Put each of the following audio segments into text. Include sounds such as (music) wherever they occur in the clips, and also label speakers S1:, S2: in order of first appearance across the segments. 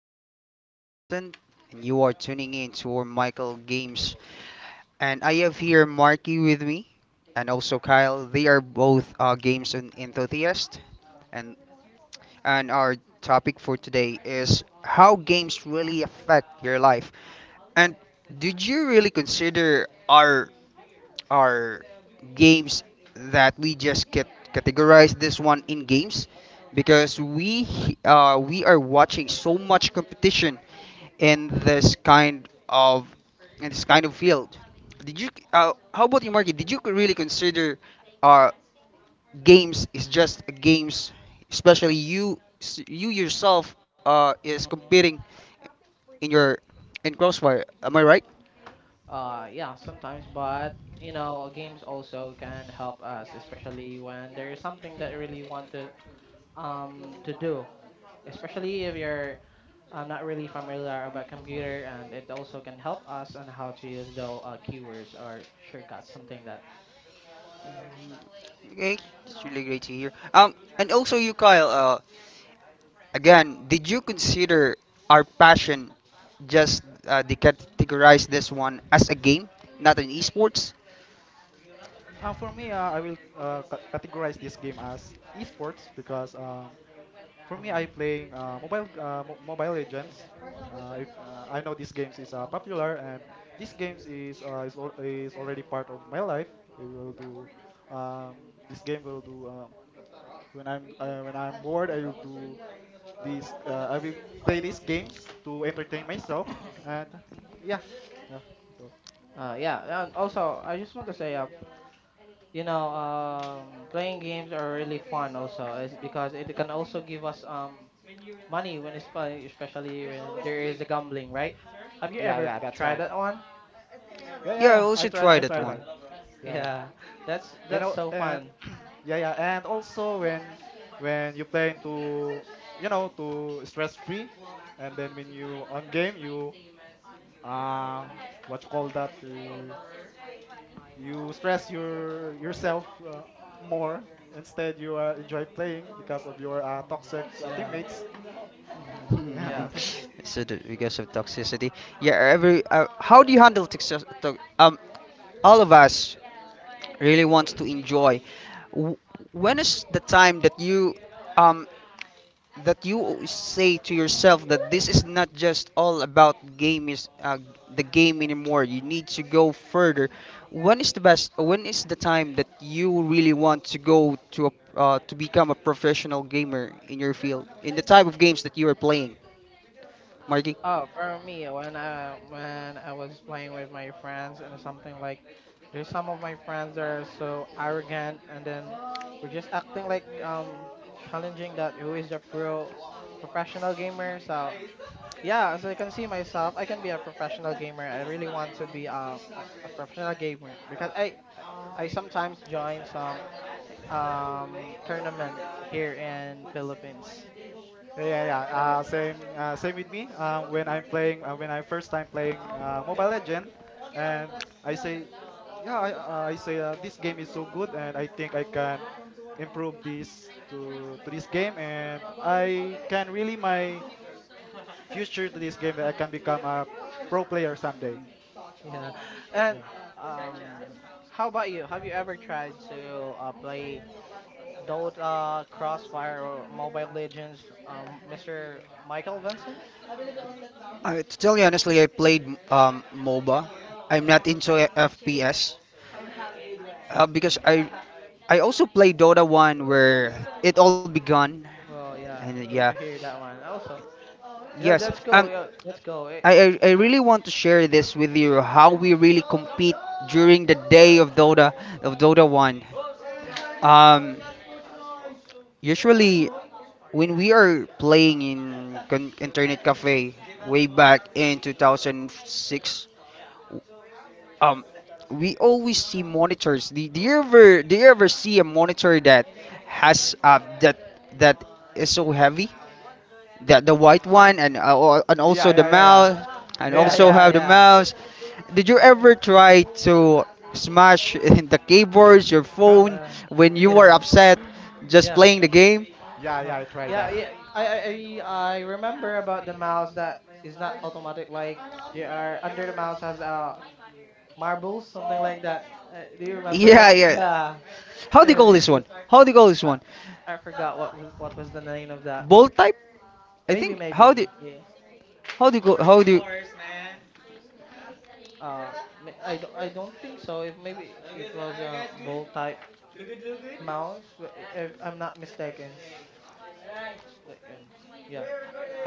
S1: name is Michael Vincent, and you are tuning in to our Michael Games. And I have here Marky with me, and also Kyle. They are both games enthusiasts. And, and our topic for today is how games really affect your life. And did you really consider our are games that we just get categorize this one in games because we are watching so much competition in this kind of in this kind of field. Did you How about you, Marky? Did you really consider uh, games is just games, especially you yourself is
S2: Mhm.
S1: competing in your in Crossfire? Am I right?
S2: Yeah, sometimes, but you know, games also can help us, especially when there is something that you really want to do. Especially if you're not really familiar about computer, and it also can help us on how to use the keywords or shortcuts, something that.
S1: Okay, it's really great to hear. And also you, Kyle. Again, did you consider our passion just they categorize this one as a game, not an esports?
S3: For me, I will categorize this game as esports because for me, I
S2: Mhm.
S3: playing Mobile Legends. If I know these games is popular and these games is already part of my life. It will do this game will do when I'm bored. I will play these games to entertain myself, and yeah, yeah, so,
S2: Yeah, and also I just want to say, playing games are really fun also, is because it can also give us money when it's fun- especially when there is the gambling, right? Have you
S3: yeah,
S2: ever
S3: yeah, that's
S2: tried
S3: right.
S2: that one? (laughs)
S3: Yeah, yeah,
S1: Yeah, I
S3: yeah.
S1: also tried
S3: I
S1: that
S3: tried
S1: one.
S3: that.
S2: Uh,
S3: Yeah, yeah.
S2: yeah, that's
S3: And
S2: that's
S3: al-
S2: so
S3: and
S2: fun.
S3: (clears throat) yeah, yeah. And also when you play into you know to stress free, and then when you on game you uh what you call that you stress yourself more instead you enjoy playing because of your
S2: Mm.
S3: toxic
S2: Yeah.
S3: teammates.
S2: Hmm,
S1: (laughs)
S3: (laughs) yeah
S2: yeah.
S3: that's
S1: So that because of toxicity, yeah. Every how do you handle toxicity? All of us really wants to enjoy. W- When is the time um that you say to yourself that this is not just all about game is the game anymore, you need to go further. When is the time that you really want to go to a, to become a professional gamer in your field, in the type of games that you are playing, Marky?
S2: Oh, for me, when I was playing with my friends and something like, there's some of my friends that are so arrogant and then we're just acting like challenging that who is the professional gamer. So yeah, as I can see myself, I can be a professional gamer. I really want to be a professional gamer because I sometimes join some tournament here in Philippines. (laughs)
S3: Yeah, yeah, yeah. Same with me. When I'm playing, when I first time playing Mobile Legend, and I say, yeah, I say this game is so good, and I think I can improve this to this game, and I can really my future to this game that I can become a pro player someday.
S2: Yeah, and um, how about you? Have you ever tried to play Dota, Crossfire, or Mobile Legends, Mr. Michael Vincent?
S1: I, to tell you honestly, I played moba. I'm not into fps because I also played dota 1 where it all begun,
S2: Oh yeah,
S1: and yeah.
S2: great to hear that one. Also, yeah,
S1: Yes.
S2: that's cool.
S1: Um.
S2: Yeah, that's cool. Eh,
S1: I really want to share this with you how we really compete during the day of Dota 1. Um, Usually when we are playing in internet cafe way back in 2006. um we always see monitors. Do you ever see a monitor that has that is so heavy, the white one, and and
S3: Yeah,
S1: also the
S3: yeah, yeah, yeah,
S1: mouse and
S3: yeah, yeah.
S2: yeah, yeah,
S1: also
S3: That.
S2: yeah,
S1: have the
S2: yeah.
S1: mouse. Did you
S2: Eh,
S1: ever try to smash (laughs) the keyboards, your phone,
S2: yeah,
S1: when you were
S2: yeah,
S1: upset just
S3: (laughs)
S2: yeah,
S1: playing the game?
S3: yeah,
S2: uh,
S3: yeah. I tried
S2: yeah,
S3: that.
S2: yeah. I remember about the mouse that is not automatic. Like there are under the mouse has marbles, something like that. Do you remember
S1: Yeah,
S2: that?
S1: yeah.
S2: Yeah, (laughs)
S1: How do you call
S2: it
S1: this
S2: was.
S1: one? How do you call this
S2: I,
S1: one?
S2: I forgot what was the name of that.
S1: Bolt type, I
S2: Maybe,
S1: think.
S2: maybe. Yeah.
S1: How do you call, how do you?
S2: Uh, I don't think so. If maybe it was a ball type mouse, but if I'm not mistaken. Mistaken. Yeah.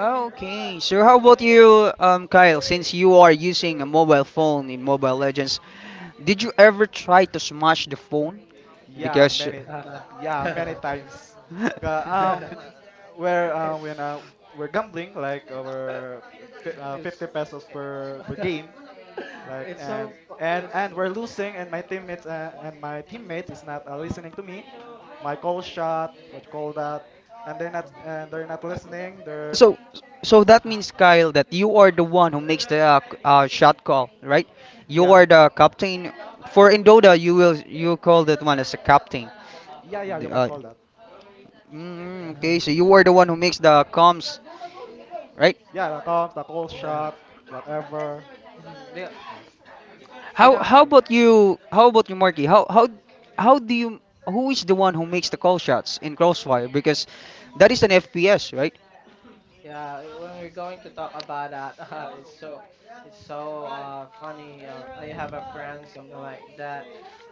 S1: Okay, so how about you, Kyle? Since you are using a mobile phone in Mobile Legends, did you ever try to smash the phone?
S3: Yeah,
S1: Because
S3: many, yeah, many times. Ca-
S1: (laughs)
S3: where
S2: (laughs) (laughs)
S3: when We're gambling, like our fi
S2: It's,
S3: 50 pesos per
S2: (laughs)
S3: game, like
S2: it's so
S3: and and
S2: it's
S3: and we're losing, and my teammate is not listening to me. My call shot, what you call that, and they're not listening. They're
S1: so so that means Kyle that you are the one who makes the shot call, right? You
S3: yeah,
S1: are the captain. For in Dota, you call that one as a captain.
S3: yeah, yeah,
S1: The,
S3: you can
S1: Uh,
S3: call that.
S2: (laughs) uh,
S1: okay,
S3: Yeah,
S1: so you are the one who makes the comms, right?
S3: yeah the comms, the call
S2: yeah.
S3: shot, whatever.
S2: Mhm. Yeah, you know,
S1: How
S3: So.
S1: about you? How about you, Marky? How do you? Who is the one who makes the call shots in Crossfire? Because that is an
S2: uh,
S1: FPS, right?
S2: yeah, eh, when we're going to talk about that, (laughs) it's so funny. I have a friend something like that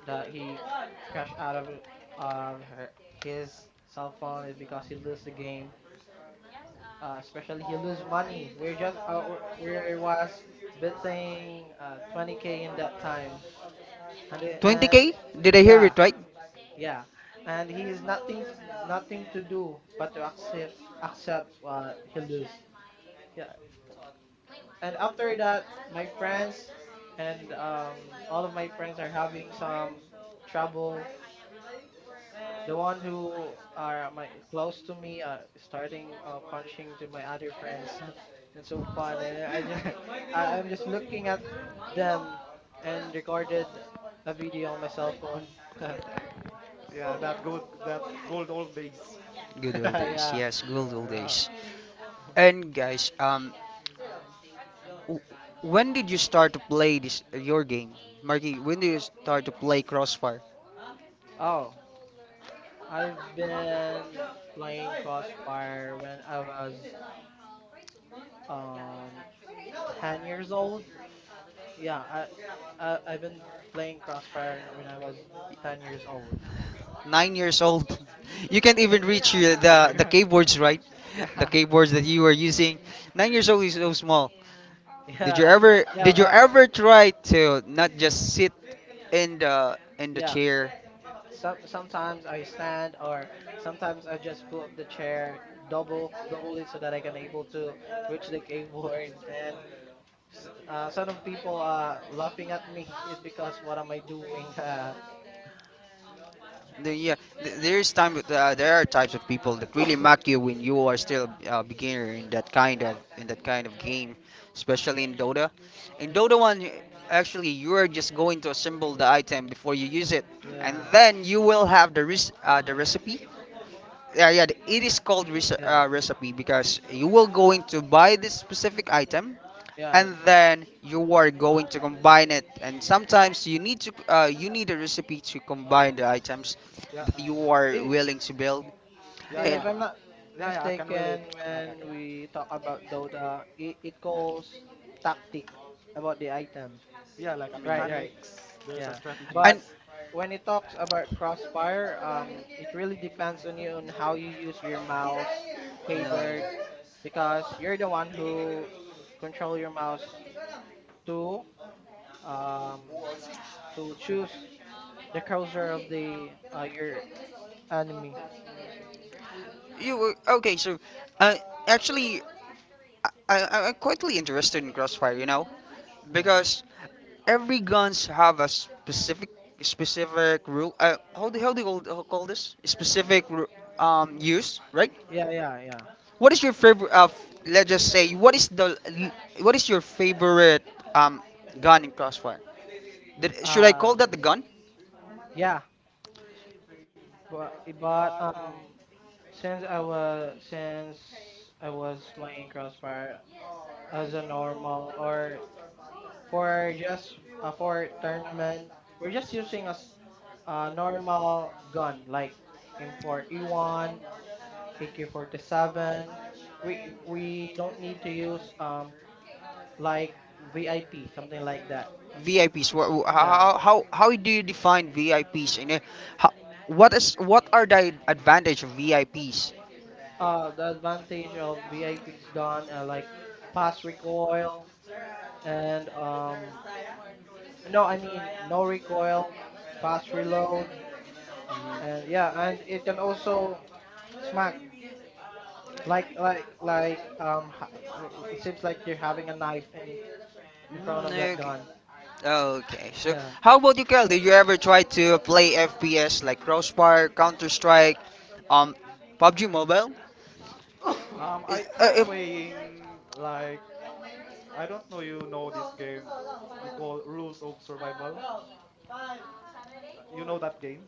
S2: that he crashed out of his cell phone is because he lose the game. Especially he lose money. We was betting 20K in that time, and and
S1: 20K? Did I hear
S2: yeah.
S1: it right?
S2: Yeah, and he is nothing to do but to accept what he lose. Yeah, and after that, my friends and all of my friends are having some trouble. The one who are my close to me starting punching to my other friends, (laughs) and so fun. And
S3: (laughs)
S2: I'm just looking at them and recorded a video on my cell phone. (laughs)
S3: Yeah, that good, that gold old days.
S1: Good old days.
S2: yeah.
S1: Yes, good
S3: Yeah,
S1: old
S3: yeah.
S1: days.
S2: (laughs)
S1: And guys, w- when did you start to play this your game, Marky? When did you start to play Crossfire?
S2: Oh. I've been playing Crossfire when I was um 10 years old. Yeah, I've been playing Crossfire when I was 10 years old.
S1: 9 years old. (laughs) You can't even reach the
S3: (laughs)
S1: the
S3: Yeah.
S1: keyboards, right?
S3: Yeah.
S1: (laughs) The
S3: Yeah.
S1: keyboards that you were using. 9 years old is so small.
S2: (laughs) Yeah. Yeah,
S1: Did you
S2: but
S1: ever try to not just sit in the
S2: yeah,
S1: chair?
S2: sometimes I stand or sometimes I just put the chair double it so that I can able to reach the keyboard and some of people are laughing at me (laughs) because what am I doing? (laughs)
S1: Yeah, there's time with, there are types of people that really mock you when you are still a beginner in that kind of game, especially in Dota. In Dota 1, actually you are just going to assemble the item before you use it, and
S2: Yeah.
S1: then you will have the the recipe. Yeah, yeah. It is called rece
S2: Yeah.
S1: recipe because you will going to buy this specific item,
S2: Yeah.
S1: and then you are going to combine it. And sometimes you need a recipe to combine the items
S3: Yeah.
S1: that
S3: uh,
S1: you are
S2: It,
S1: willing to build.
S3: Yeah.
S2: If
S3: Yeah.
S1: And
S2: I'm not
S3: Yeah. Yeah. I can relate.
S2: mistaken,
S3: Okay.
S2: when
S3: Okay.
S2: we talk about Dota, it calls tactic about the item.
S3: Yeah. Like a
S2: Right, right.
S3: mechanics. There's a
S2: Yeah. But
S3: strategies.
S2: when it talks about crossfire, it really depends on you on how you use your mouse, keyboard, because you're the one who control your mouse to um to choose the cursor of the your enemy.
S1: You were Okay, so uh, actually, I, I I'm quietly interested in Crossfire, you know,
S2: Yeah.
S1: because every guns have a specific rule. How do you call this? Specific use, right?
S2: Yeah, yeah,
S1: What is your favorite? Let's just say, what is your favorite um gun in Crossfire? Should I
S2: yeah.
S1: call that the gun?
S2: Yeah. But (laughs) but since I was playing Crossfire as a normal or for just for tournament, we're just using a normal gun like M4E1, AK47. We we don't need to use like VIP something like that.
S1: VIPs. wha- wha-
S2: Yeah.
S1: How how how do you define VIPs? And how, what is what are the advantage of VIPs?
S2: The advantage of VIP's gun like fast recoil and no, I mean no recoil, fast reload, and
S1: Mhm.
S2: yeah, and it can also smack like it seems like they're having a knife in front of that
S1: Okay.
S2: gun. Yeah.
S1: How about you, Kel? Did you ever try to play FPS like Crossfire, Counter Strike, um, PUBG Mobile? (coughs) Is,
S3: I try
S1: if
S3: playing like I don't know you know this game we call Rules of Survival. You know that game?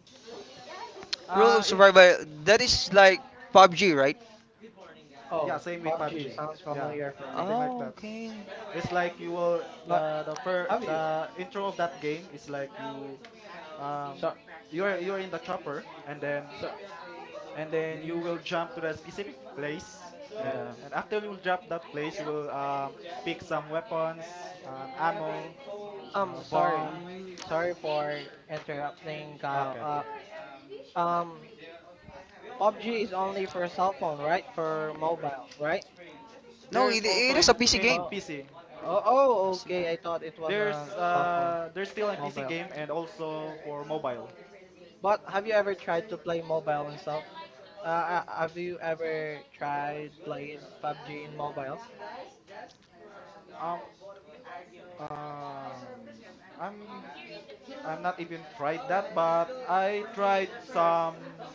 S1: Rule of
S3: I
S1: survival. That is like PUBG, right?
S3: yeah,
S2: Oh,
S3: same with PUBG.
S2: PUBG sounds
S3: Yeah,
S2: familiar for me.
S3: something like
S1: Oh,
S3: that.
S1: okay.
S3: It's like you will
S2: But
S3: the fir-
S2: have you?
S3: the intro of that game is like
S2: So
S3: um, you're in the chopper, and then
S2: so
S3: you will jump to the specific place. And,
S2: yeah.
S3: and after you will drop that place, you will pick some weapons, ammo,
S2: Sorry,
S3: bomb.
S2: sorry for interrupting, Kyle.
S3: Okay, okay.
S2: Um, PUBG is only for cell phone, right? For mobile, right?
S1: No,
S3: There's
S1: it,
S3: also
S1: it is a
S3: in
S1: PC
S3: in
S1: game.
S2: Oh.
S3: PC. th-
S2: Oh, oh,
S1: PC
S2: okay. I thought it was a cell phone.
S3: There's still in PC
S2: Mobile.
S3: game and also for mobile.
S2: But have you ever tried to play mobile and stuff? Have you ever tried playing PUBG in mobile?
S3: Um um I'm not even tried that, but I tried some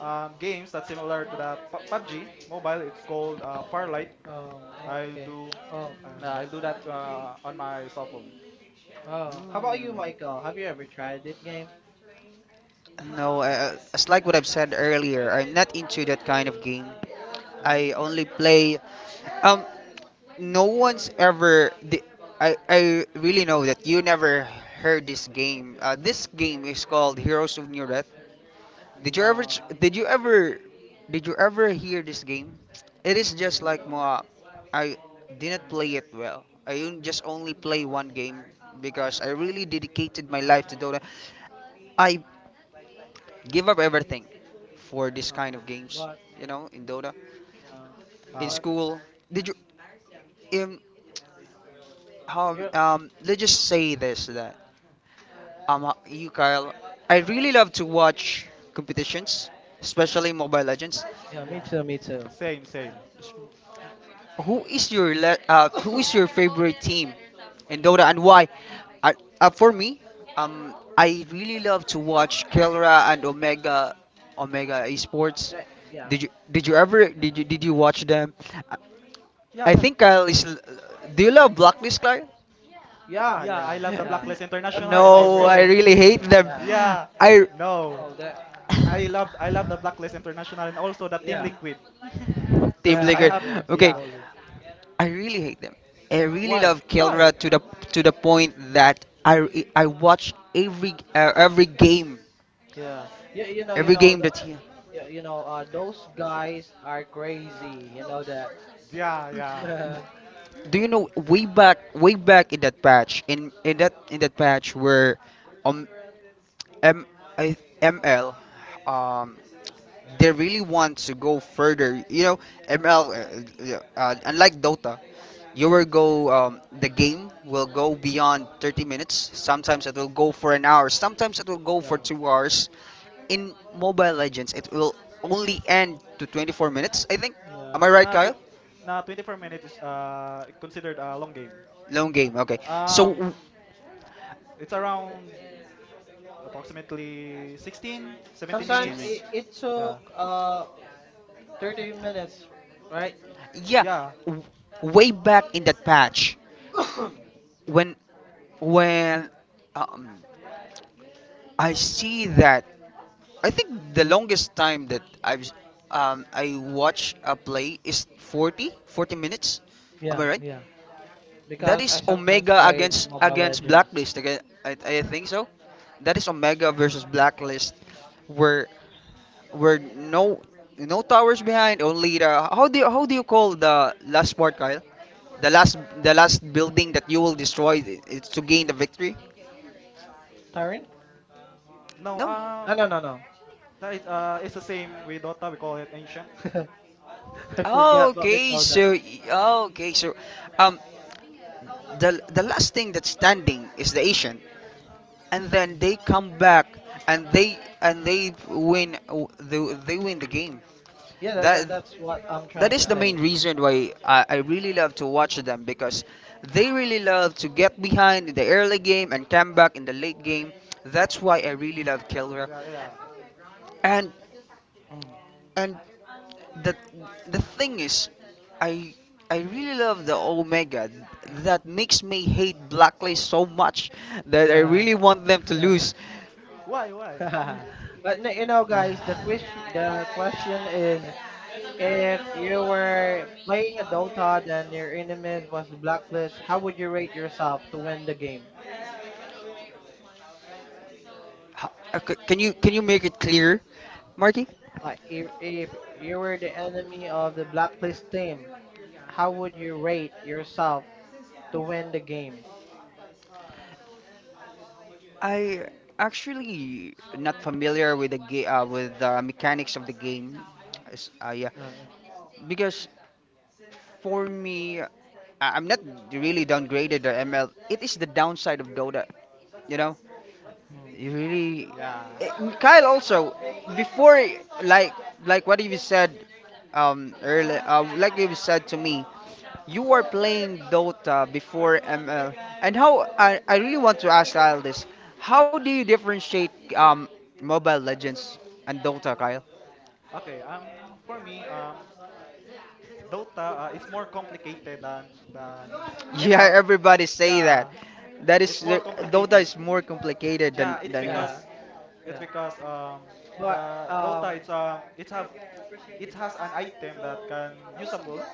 S3: games that's similar to the PUBG mobile. It's called Firelight.
S2: Oh,
S3: I
S2: okay.
S3: do
S2: Oh, far
S3: I
S2: right.
S3: do that on my cell phone.
S2: Oh, how about you,
S1: game.
S2: Michael? Have you ever tried that game?
S1: Mm. No, it's like what I've said earlier. I'm not into that kind of game. I
S2: Oh,
S1: only play. Um, no one's ever. I really know that you never heard this game. This game is called Heroes of New Death. Did you ever? Ch-
S2: no.
S1: Did you ever? Did you ever hear this game? It is just
S3: Mm,
S2: Mm,
S1: like
S2: no.
S1: Moa. I didn't
S2: Oh my.
S1: play it well. Just only play one game because I really dedicated my life to
S2: Mhm.
S1: Dota. I give up everything for this
S2: Uh,
S1: kind of games,
S2: but
S1: you know, in Dota.
S2: yeah,
S1: In
S3: ah,
S2: but
S3: okay.
S1: school, did you Um, how
S2: you.
S1: let's just say this, that you, Kyle, I really love to watch competitions, especially
S2: Mhm.
S1: Mobile Legends.
S2: Yeah, me
S3: Yeah.
S2: too. Me too.
S3: Same,
S2: Yeah.
S3: same.
S1: Who is your favorite team in Dota and why? For me, I really love to watch Kelra and Omega Esports.
S2: Yeah.
S1: Did you ever did you Did you watch them?
S3: Yeah,
S1: I
S3: yeah.
S1: think Kyle is. L- Do you love Blacklist, Kyle?
S2: Yeah.
S3: Yeah, I
S2: Yeah.
S3: love the
S2: Yeah.
S3: Blacklist
S2: That's
S3: International
S2: my
S3: and
S1: No,
S2: favorite
S1: I
S3: also
S1: really hate
S2: team.
S1: them.
S2: Yeah.
S3: yeah,
S1: I
S3: no.
S2: Oh, that.
S3: I love the Blacklist International and also the Team
S2: Yeah.
S3: Liquid because
S1: Team
S3: I
S1: Liquid.
S2: Yeah, (laughs)
S3: have
S2: they're so
S1: Okay,
S3: yeah.
S2: solid.
S1: I really hate them. I really
S3: Why?
S1: love
S3: Why?
S1: Kelra to the point that I watch
S2: Yeah, yeah,
S1: every game that's here.
S2: those guys are crazy. You know that.
S3: Yeah, yeah.
S2: (laughs)
S1: Do you know way back in that patch in that patch where um M I ML, um they really want to go further. You know, ML, unlike Dota, you will go the game will go beyond 30 minutes. Sometimes it will go for an hour. Sometimes it will go for
S2: yeah,
S1: 2 hours. In Mobile Legends, it will only end to 24 minutes, I think. Am
S2: yeah.
S1: I right,
S3: Na tw-
S1: Kyle?
S3: na 24 minutes is considered a long game.
S1: Long game. Okay. So w-
S3: Um It's around approximately 16, 17
S1: 16
S2: Sometimes
S3: minutes.
S1: minutes.
S2: it
S3: Yeah.
S2: took 30 minutes, right?
S1: Yeah,
S3: Yeah.
S1: w- way back in that patch, when when um, I see that, I think the longest time that I watch a play is 40 40 minutes. Am I
S2: Yeah,
S1: right?
S2: yeah.
S1: That
S2: Because I
S1: is
S2: sometimes
S1: Omega
S2: played Mobile
S1: against
S2: Legends.
S1: Blacklist. Again, I think so. That is Omega versus Blacklist, where where no no towers behind, only the how do you call the last part, Kyle? The last the last building that you will destroy is to gain the victory.
S2: Tyrant?
S3: No,
S1: No.
S2: Ah, no, no, no.
S3: that is, it's the same with Dota. We call it ancient.
S2: (laughs) I forgot what we
S1: Okay,
S2: call that.
S1: so okay, so um the last thing that's standing is the Asian, and then they come back, and they win, they, they win the game.
S2: Yeah,
S1: That
S2: that's what I'm
S1: that
S2: trying to
S1: is the
S3: Yeah.
S2: say.
S1: main reason why I really love to watch them, because they really love to get behind in the early game and come back in the late game. That's why I really love Killer.
S3: Yeah, yeah.
S1: And
S2: Mm.
S1: And the the thing is, I I really love the Omega. That makes me hate Blacklist so much that I
S2: (laughs)
S1: really want them to
S2: Yeah,
S1: lose.
S3: (laughs) Why, why?
S2: yeah. (laughs) But no, guys, the question is: if you were playing a Dota and your enemies was the Blacklist, how would you rate yourself to win the game?
S1: Can you make it clear, Marky?
S2: Like if you were the enemy of the Blacklist team, how would you rate yourself to win the game?
S1: I actually not familiar with the with the mechanics of the game. Yeah,
S2: Uh,
S1: because for me, I'm not really downgraded the ML. It is the downside of Dota, you know. You
S2: mhm.
S1: really,
S3: Yeah.
S1: Eh, Kyle. Also, before like like what you said, early, like you said to me, you were playing Dota before ML, and how I really want to ask Kyle this: How do you differentiate um Mobile Legends and Dota, Kyle? (laughs)
S3: Okay, for me, Dota is more complicated than
S1: Yeah,
S3: ML.
S1: everybody say
S3: Yeah,
S1: that. That
S3: it's
S1: is
S3: more
S1: eh, Dota
S3: complicated.
S1: is more complicated
S3: Yeah, it's
S1: than ML.
S2: Yeah,
S3: because it's
S2: yeah.
S3: because um
S2: But
S3: the
S2: um,
S3: Dota it's it have it has an item that can usable.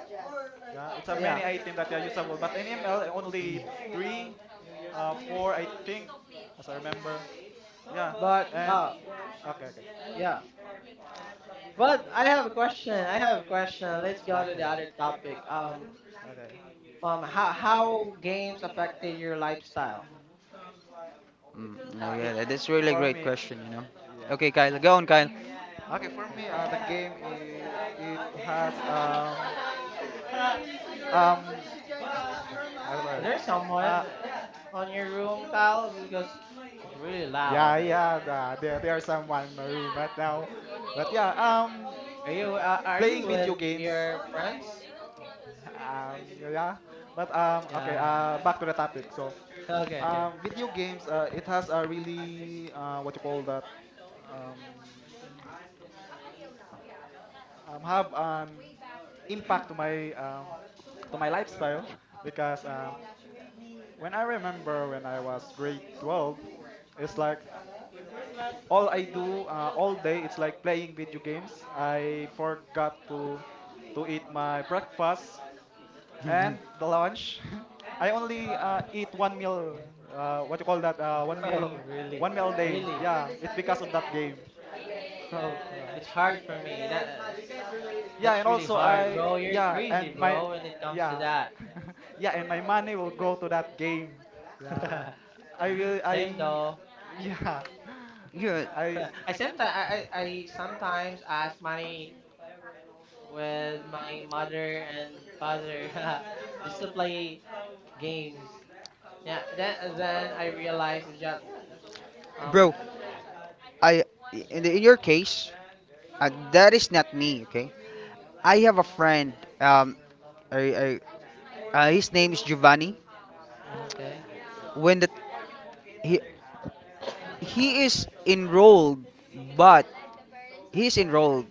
S3: Yeah, it's a
S2: yeah.
S3: many item that are usable, but in ML only three, four I think, as I remember. Yeah,
S2: But
S3: and okay, okay,
S2: yeah. But I have a question. I have a question. Let's go to the
S3: okay,
S2: other topic.
S3: okay.
S2: How games affected your lifestyle?
S3: Uh,
S1: Yeah,
S3: it
S1: yeah, that's really
S3: for
S1: great
S3: me,
S1: question. You know.
S3: yeah.
S1: Okay, Kyle, go on, Kyle.
S3: Okay, for
S2: Yeah.
S3: me, the game I- it has um,
S2: Is
S3: sorry,
S2: there someone
S3: uh,
S2: on your room, Kyle? Because it's really loud.
S3: yeah, yeah. The, there are someone in my
S1: (laughs)
S3: room right now, but yeah,
S2: Are you
S3: playing video
S2: with
S3: games
S2: your friends?
S3: yeah, but okay,
S2: Yeah. (laughs)
S3: back to the topic.
S2: Okay. Okay.
S3: Video games, it has a really what you call that um, have an impact to my lifestyle because when I remember when I was grade 12, it's like all I do, all day it's like playing video games. I forgot to eat my breakfast and the lunch. (laughs) I only eat one meal. What you call that?
S2: (laughs) Oh, really?
S3: One meal a day.
S2: Really?
S3: Yeah, it's because of that game.
S2: Oh,
S3: Yeah.
S2: it's hard for me.
S3: Yeah,
S2: That's
S3: and
S2: really
S3: also
S2: hard,
S3: I
S2: bro. You're
S3: yeah,
S2: crazy,
S3: and my
S2: bro. When it comes to
S3: yeah,
S2: that.
S3: (laughs) yeah, and my money will go to that game. Yeah,
S2: (laughs)
S3: I will.
S2: Same
S3: I
S2: though.
S3: yeah,
S1: You're. Good.
S3: (laughs) I
S2: (laughs) I sometimes ask money with my mother and father (laughs) just to play games. Yeah, then I realized it's just um
S1: Bro, I in your case, that is not me, okay? I have a friend. Um, I, his name is Giovanni.
S2: okay.
S1: When the he he is enrolled, but he's enrolled.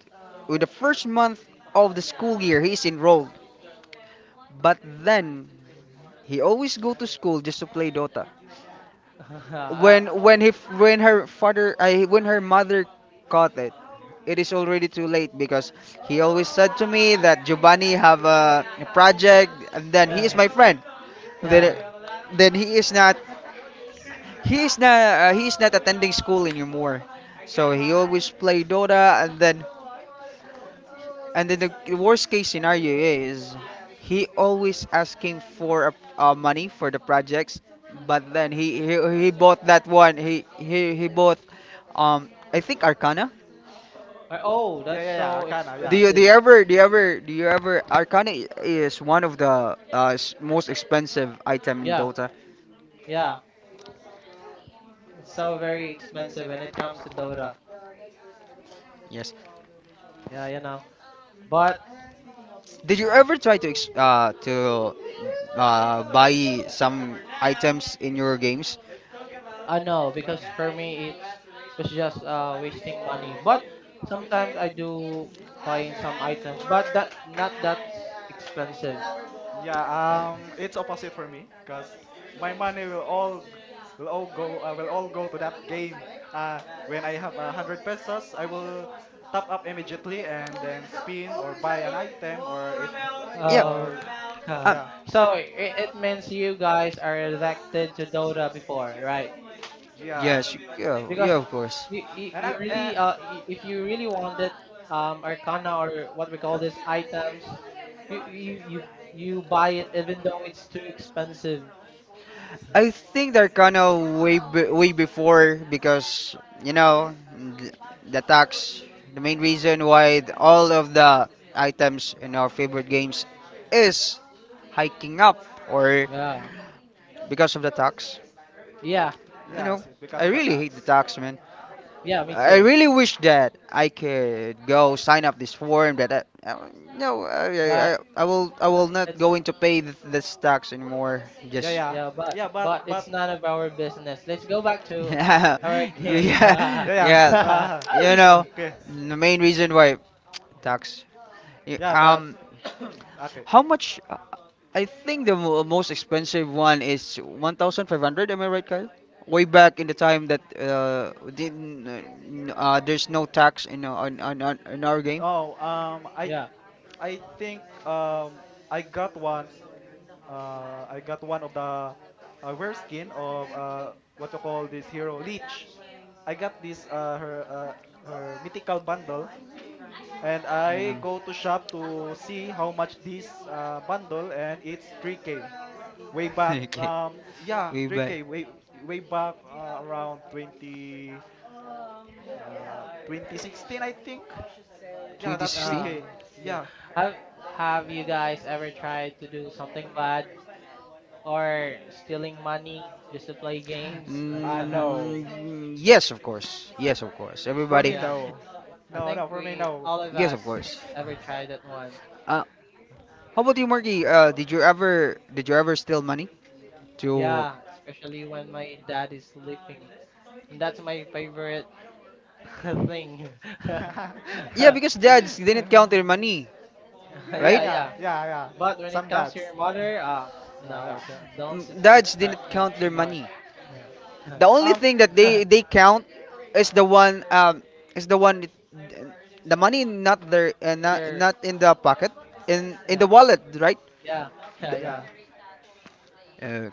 S1: With the first month of the school year, he's enrolled. But then he always go to school just to play Dota.
S2: (laughs)
S1: When he f- when her father I when her mother caught it, it is already too late, because he always said to me that Giovanni have a project and then he is
S2: Uh,
S1: my friend.
S2: yeah.
S1: Then then he is not he is not he is not attending school anymore. So he always play Dota. And then the worst case scenario is he always asking for money for the projects, but then he bought that one. He bought I think Arcana.
S2: Oh,
S3: yeah
S2: that's
S3: yeah yeah
S2: so
S3: Arcana. Yeah,
S2: expensive.
S1: Do you ever Arcana is one of the most expensive item in
S2: Yeah,
S1: Dota.
S2: yeah. It's so very expensive when it comes to Dota.
S1: Yes.
S2: Yeah, you know. But
S1: Did you ever try to buy some items in your games?
S2: I know,
S3: The-
S2: because for me it's just wasting money. But sometimes I do buying some items, but that not that expensive.
S3: Yeah, it's opposite for me because my money will all g- will all go to that game. When I have a hundred pesos, I will top up immediately and then spin or buy an item, or if
S2: Oh,
S3: or
S2: huh.
S1: Um,
S3: yeah
S2: So it means you guys are elected to Dota before, right?
S3: yeah.
S1: yes,
S2: Because
S1: yeah,
S3: and
S2: you
S3: I, uh,
S2: really if you really wanted Arcana or what we call these items, you you you, you buy it even though it's too expensive.
S1: I think they're kind of way before because you know th- the tax. The main reason why all of the items in our favorite games is hiking up, or
S2: Yeah,
S1: because of the tax.
S2: yeah,
S1: You know,
S3: yes, it because
S1: I
S3: of the
S1: really hate the
S3: tax.
S1: tax, man.
S2: yeah. Me
S3: Yeah
S1: I
S2: too.
S1: really wish that I could go sign up this form that I no,
S2: But
S1: I will not
S2: it's
S1: going to pay this tax anymore.
S3: yeah
S1: Just.
S3: yeah
S2: yeah,
S3: yeah but
S2: but
S3: but
S2: it's none of our business. Let's go back to
S1: Yeah,
S2: our
S3: (laughs)
S1: (laughs)
S3: yeah
S2: game. (laughs)
S1: yeah,
S3: yeah
S1: yeah. You know,
S3: okay,
S1: the main reason why tax. y-
S3: yeah, but
S1: Um,
S3: okay.
S1: how much? I think the most expensive one is 1,500. Am I right, Kyle? Way back in the time that didn't, there's no tax in on, in our game.
S3: Oh,
S2: Yeah.
S3: I think I got one I got one of the rare skin of what you call this hero leech. I got this her mythical bundle and
S1: Ayun.
S3: I go to shop to see how much this bundle and it's 3k. Way
S1: (laughs)
S3: back
S1: Okay.
S3: yeah
S1: We back.
S3: 3k way way back uh, around 20 uh 2016 I think. Yeah,
S1: Twenty
S3: that's
S1: sixteen?
S2: Uh,
S3: 3k.
S2: yeah.
S3: Yeah.
S2: Have Have you guys ever tried to do something bad or stealing money just to play games?
S3: I
S2: (laughs)
S3: know.
S1: Mm, yes, of course. Yes, of course.
S3: For
S1: Everybody.
S3: me,
S2: Yeah,
S3: no.
S2: I
S3: No, no,
S2: think
S3: for me,
S2: we
S3: no.
S2: all of
S1: Yes,
S2: us
S1: of course.
S2: ever tried that one.
S1: Uh, How about you, Marky? Did you ever steal money? To.
S2: Yeah, especially when my dad is sleeping. And that's my favorite (laughs) thing.
S3: (laughs) yeah,
S2: (laughs)
S1: Yeah, (laughs) because dads didn't count their money, (laughs)
S3: yeah,
S1: right?
S2: Yeah,
S3: yeah,
S2: yeah.
S3: yeah, yeah.
S2: But when it
S3: Some
S2: comes to
S3: dads.
S2: your mother,
S3: Yeah,
S2: no,
S3: yeah,
S2: don't
S1: Dads
S2: expect
S1: didn't
S2: that
S1: count their
S2: so much.
S1: money.
S3: yeah.
S1: The only
S3: Um,
S1: thing that they
S2: (laughs) (laughs)
S1: they count is the one is the one, the money not there,
S2: Either,
S1: not in the pocket, in the
S2: yeah,
S1: wallet, right?
S2: yeah, yeah,
S1: The-
S2: yeah.
S3: yeah.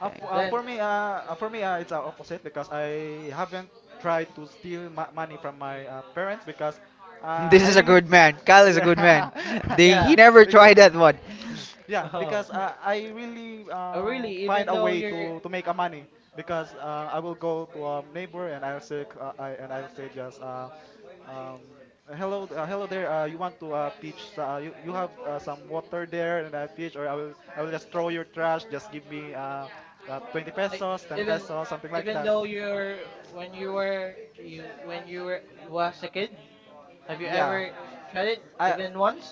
S3: F
S2: Then
S3: for me, It's opposite because I haven't tried to steal ma money from my parents because
S1: (laughs) This
S3: I
S1: is a
S3: really,
S1: good man. Kyle
S3: (laughs)
S1: is a good
S3: yeah,
S1: man.
S3: (laughs)
S1: (laughs) They, he
S2: yeah.
S1: never
S3: because.
S1: tried that one.
S3: (laughs)
S1: (laughs)
S3: Yeah,
S2: Oh,
S3: because I really
S2: oh really?
S3: find
S2: Even
S3: a
S2: though
S3: way
S2: you're
S3: to make a money. Because I will go to a neighbor and I'll say c- I, and I'll say just um, hello hello there, you want to pitch, you, you have some water there and I pitch, or I will just throw your trash, just give me that 20
S2: like
S3: pesos 10
S2: even
S3: pesos something like
S2: even
S3: that.
S2: though you're when you were you when you were was a kid, have you
S3: Yeah
S2: ever tried it
S3: I
S2: even once?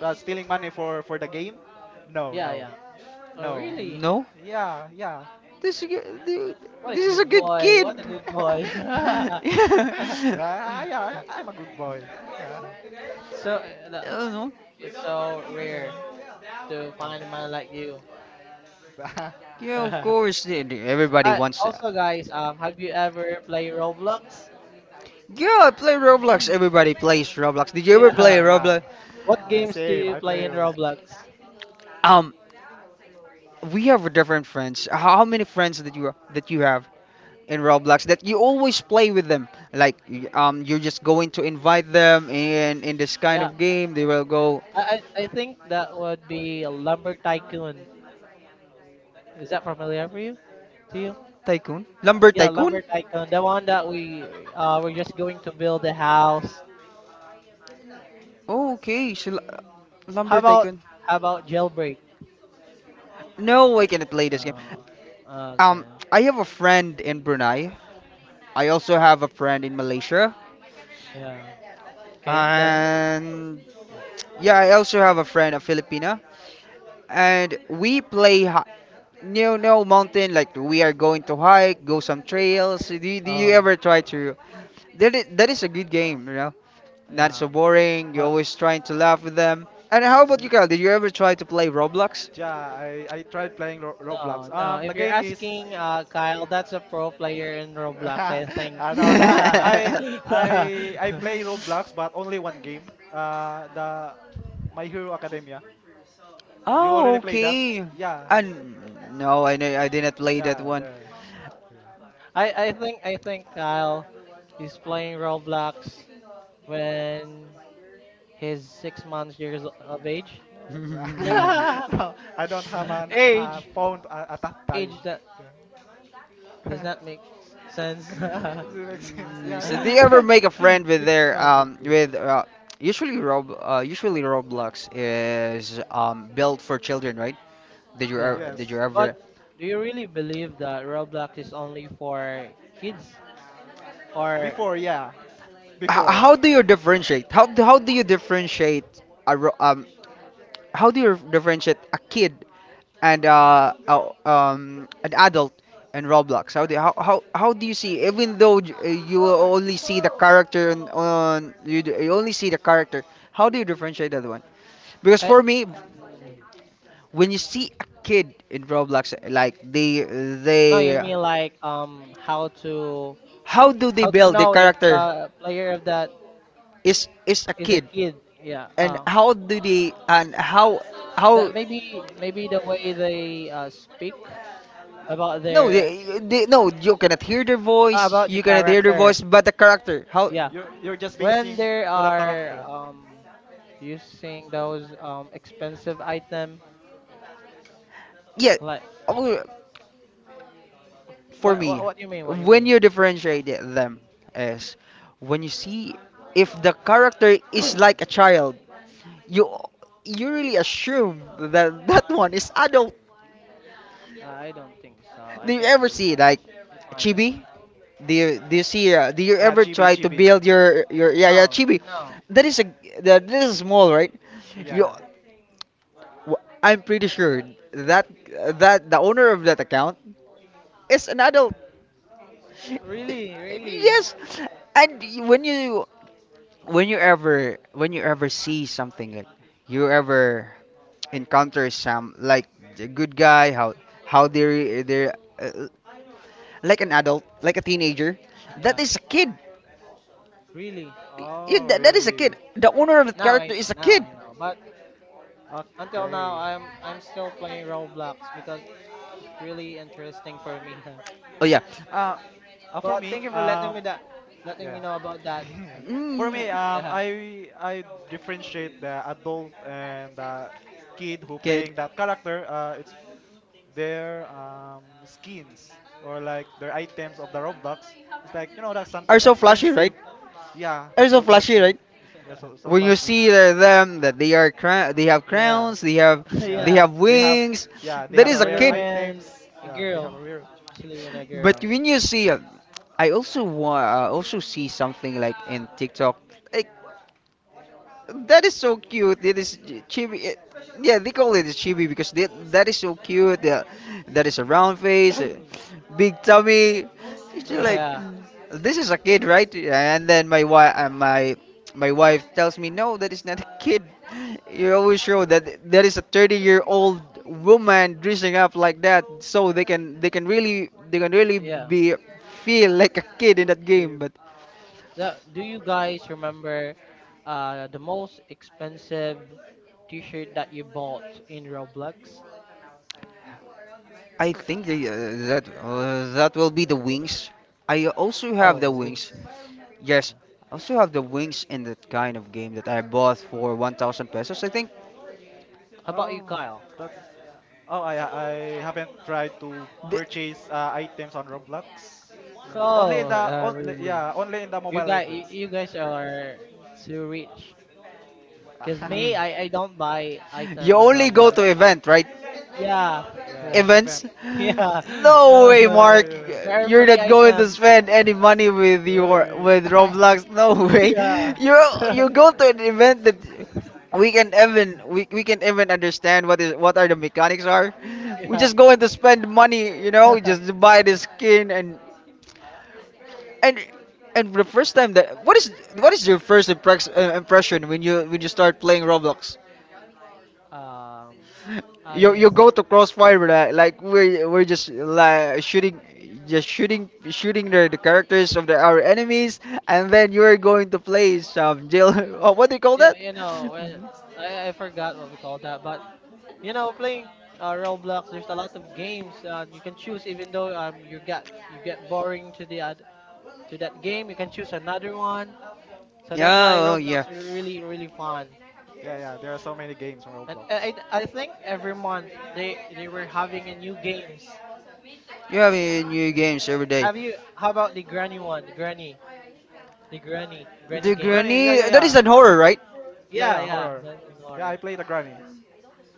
S3: Stealing money for the game, no
S2: Yeah,
S3: no
S2: yeah. Oh
S3: no,
S2: really?
S1: No.
S3: yeah yeah.
S1: Dude,
S2: What a
S1: this is a
S2: good
S1: good
S2: boy!
S1: kid.
S2: What a good boy!
S1: (laughs)
S2: (laughs)
S3: (laughs)
S1: Yeah.
S3: yeah yeah I'm a good boy. Yeah
S1: I
S2: So no,
S1: don't know.
S2: it's so
S3: yeah.
S2: rare to
S3: yeah.
S2: find a man like you. (laughs)
S3: (laughs) yeah,
S1: Yeah, of course. Everybody
S2: I
S1: wants that.
S2: also guys, have you ever played Roblox?
S1: Yeah, I play Roblox.
S2: (laughs)
S1: Everybody plays Roblox. Did you ever play
S2: Yeah.
S3: yeah,
S1: Roblox?
S2: What
S3: yeah.
S2: games do
S3: Same.
S2: you
S3: I play
S2: play in
S3: you.
S2: Roblox?
S1: Um, we have different friends. How many friends that you have in Roblox that you always play with them? Like, you're just going to invite them, and in this kind
S2: Yeah.
S1: of game, they will go.
S2: I I think that would be a Lumber Tycoon. Is that familiar for you? To you?
S1: Tycoon,
S3: Uh,
S1: Lumber
S2: Yeah, Lumber
S1: Tycoon.
S2: Tycoon. The one that we're just going to build a house.
S1: Oh, okay, so
S3: mm,
S2: How
S1: Lumber
S2: about
S1: Tycoon.
S2: how about Jailbreak?
S1: No, I cannot play this game.
S2: Oh, okay.
S1: Um, I have a friend in Brunei. I also have a friend in Malaysia.
S2: Yeah. Okay. Then.
S1: And yeah, I also have a friend, a Filipina. And we play no, no, mountain, like we are going to hike, go some trails. Do you, do you
S2: Oh,
S1: ever try to? That is a good game. Not so
S2: yeah.
S1: boring. You're
S2: But
S1: always trying to laugh with them. And how
S2: s-
S1: about you, Kyle? Did you ever try to play Roblox?
S3: yeah, I tried playing
S2: no,
S3: Roblox.
S2: no. If
S3: The
S2: you're
S3: game is.
S2: asking, Kyle, that's a pro player in Roblox. I
S3: (laughs)
S2: think.
S3: I don't
S2: (laughs)
S3: know.
S2: I
S3: I
S1: (laughs)
S3: I play Roblox, but only one game. The My Hero Academia. You
S1: Oh,
S3: already played that?
S1: okay.
S3: Yeah,
S1: And no, I didn't play that
S3: yeah,
S1: one. (laughs)
S3: yeah.
S2: I think Kyle is playing Roblox when he's 6 months years of age.
S1: Mm.
S2: (laughs)
S3: (laughs) No, I don't have an
S2: age,
S3: phone at that time.
S2: age that
S3: Yeah.
S2: does not
S3: (laughs)
S2: make sense.
S3: Does
S2: (laughs)
S3: it make sense? Yeah,
S1: So
S3: yeah.
S1: do you ever make a friend with
S2: six
S1: their
S2: months of age.
S1: with usually Roblox is built for children, right?
S2: Yeah,
S1: Did you
S3: Yes.
S2: but
S1: ever
S2: do you really believe that Roblox is only for kids, or
S3: Before, yeah. Before.
S1: How do you differentiate? A ro- um how do you differentiate a kid and an adult in Roblox? How do you see, even though you only see the character on you, you only see the character, how do you differentiate that one? Because
S2: I,
S1: for me,
S2: mm,
S1: when you see a kid in Roblox, like
S2: no? You
S1: they
S2: mean like how to
S1: how do they build the
S2: know if
S1: character,
S2: the player of that
S1: is a
S2: is a
S1: kid,
S2: kid? Yeah.
S1: and how,
S2: That maybe the way they speak about
S1: no, they, they no, you cannot hear their voice,
S2: About the character.
S1: but the character, how?
S2: Yeah.
S3: You're just
S2: When
S3: basing
S2: there
S3: to the
S2: are
S3: character.
S2: using those expensive item,
S1: Yeah.
S2: like
S1: Oh, for me,
S2: what you mean? What you
S1: when
S2: mean?
S1: you differentiate them is when you see, if the character is like a child, you you really assume that (laughs) that one is adult.
S2: I don't think so.
S1: Do
S2: I
S1: you
S2: can't
S1: ever
S2: really
S1: see, like,
S2: find that
S1: chibi?
S2: one.
S1: Do you see? Do you
S3: Yeah,
S1: ever
S3: chibi,
S1: try to
S3: chibi.
S1: build your yeah, yeah,
S2: No.
S1: chibi?
S2: No.
S1: That is a that is small, right?
S3: Yeah,
S1: You,
S3: yeah.
S1: I'm pretty sure that that the owner of that account is an adult.
S2: Really,
S3: (laughs)
S2: really.
S1: Yes, and when you ever see something like, you ever encounter some, like, a good guy, how they like an adult, like a teenager, that
S2: Yeah.
S1: is a kid.
S2: Really.
S1: Yeah,
S3: Oh,
S1: that is a
S3: really?
S1: kid. The owner of the
S2: Now I
S1: character is
S2: know.
S1: a
S2: Now
S1: kid.
S2: I know. But until now
S3: Okay.
S2: I'm still playing Roblox because it's really interesting for me. (laughs)
S1: Oh yeah.
S3: Uh, uh for
S2: But
S3: me,
S2: thank you for
S3: um,
S2: letting me
S3: yeah,
S2: know about
S3: (laughs)
S2: that. So,
S3: yeah. For
S1: Mm,
S3: me,
S2: yeah.
S3: I differentiate the adult and the kid who
S1: kid.
S3: playing that character. It's their skins or like their items of the Roblox. It's like you know that's something
S1: Are so flashy,
S3: expensive.
S1: right?
S3: Yeah,
S1: Are so
S3: so
S1: flashy,
S3: flashy.
S1: right?
S3: Yeah, so so
S1: When you
S3: flashy.
S1: see them, that they have
S3: Yeah, yeah.
S1: crowns, they have
S2: (laughs)
S3: Yeah,
S2: Yeah.
S3: they have
S1: wings,
S3: yeah they
S1: that
S3: have
S1: is
S3: a
S1: a
S2: especially
S3: rare
S1: kid.
S2: when
S3: items.
S2: a
S3: Yeah, they have
S2: girl,
S3: a rare.
S2: especially when a
S1: But
S2: girl.
S1: when you see, I also wa- also see something like in TikTok. Like, that is so cute. It is chibi. Yeah, they call it chibi because that is so cute. Yeah, that is a round face, big tummy. It's
S2: (laughs)
S1: just like,
S3: Yeah.
S2: Yeah,
S1: this is a kid, right? And then my wife tells me, no, that is not a kid. You always show that that is a 30-year-old woman dressing up like that, so they can really
S2: yeah.
S1: be feel like a kid in that game.
S3: Kid.
S1: But
S2: Now, do you guys remember the most expensive T-shirt that you bought in Roblox?
S1: I think that will be the wings. I also have the
S2: Oh, wings.
S1: wings.
S2: Yeah.
S1: Yes, I also have the wings in that kind of game that I bought for
S3: Uh,
S1: 1,000 pesos, I think.
S2: How about you,
S3: Oh,
S2: Kyle?
S3: that's Oh, I haven't tried to
S1: The-
S3: purchase items on Roblox. Yeah. Only in
S2: Oh,
S3: the only
S2: really?
S3: yeah, only in the
S2: You
S3: Mobile
S2: guys,
S3: Legends.
S2: you guys are too rich. Cause
S3: Yeah,
S2: me,
S1: Mm.
S2: I don't buy
S1: You
S2: item on
S1: only go
S2: Roblox.
S1: to event, right?
S2: Yeah,
S3: (laughs) yeah,
S2: yeah,
S3: yeah, event.
S2: (laughs)
S1: Events?
S3: (laughs)
S2: yeah.
S1: No
S2: Uh,
S1: way,
S3: Yeah,
S1: Mark.
S3: yeah.
S2: there are
S1: You're
S2: free
S1: not going to
S2: items.
S1: spend any money with your with
S3: Yeah, (laughs)
S1: Roblox. No
S2: (laughs)
S1: way.
S2: Yeah,
S1: You
S2: (laughs)
S1: you go to an event that we can even understand what are the mechanics are. We
S2: yeah.
S1: just going to spend money, just to buy the skin. And and and the first time that what is your first impression when you start playing Roblox?
S2: Um,
S1: You
S2: I
S1: go to crossfire, like, we're just like shooting, just shooting shooting the characters of our enemies, and then you're going to play some jail. (laughs) Oh, what do you call
S2: yeah,
S1: that?
S2: you know, When I forgot what we call that, but playing Roblox, there's a lot of games you can choose. Even though you get boring to that game, you can choose another one. So that's
S1: Yeah,
S2: why
S1: oh
S2: Roblox
S1: yeah.
S2: is really really fun.
S3: yeah, yeah, there are so many games on
S2: And
S3: Roblox.
S2: I think every month they were having a new games.
S1: You have a new games every day.
S2: Have you? How about the granny one? The granny
S1: Granny.
S2: games.
S3: Granny, yeah, yeah,
S1: That is
S3: yeah.
S1: an horror,
S3: Uh,
S1: right?
S3: yeah,
S2: Yeah,
S3: yeah,
S2: yeah,
S3: horror.
S2: that's an
S3: Yeah, I
S2: horror. (laughs)
S3: play the Granny.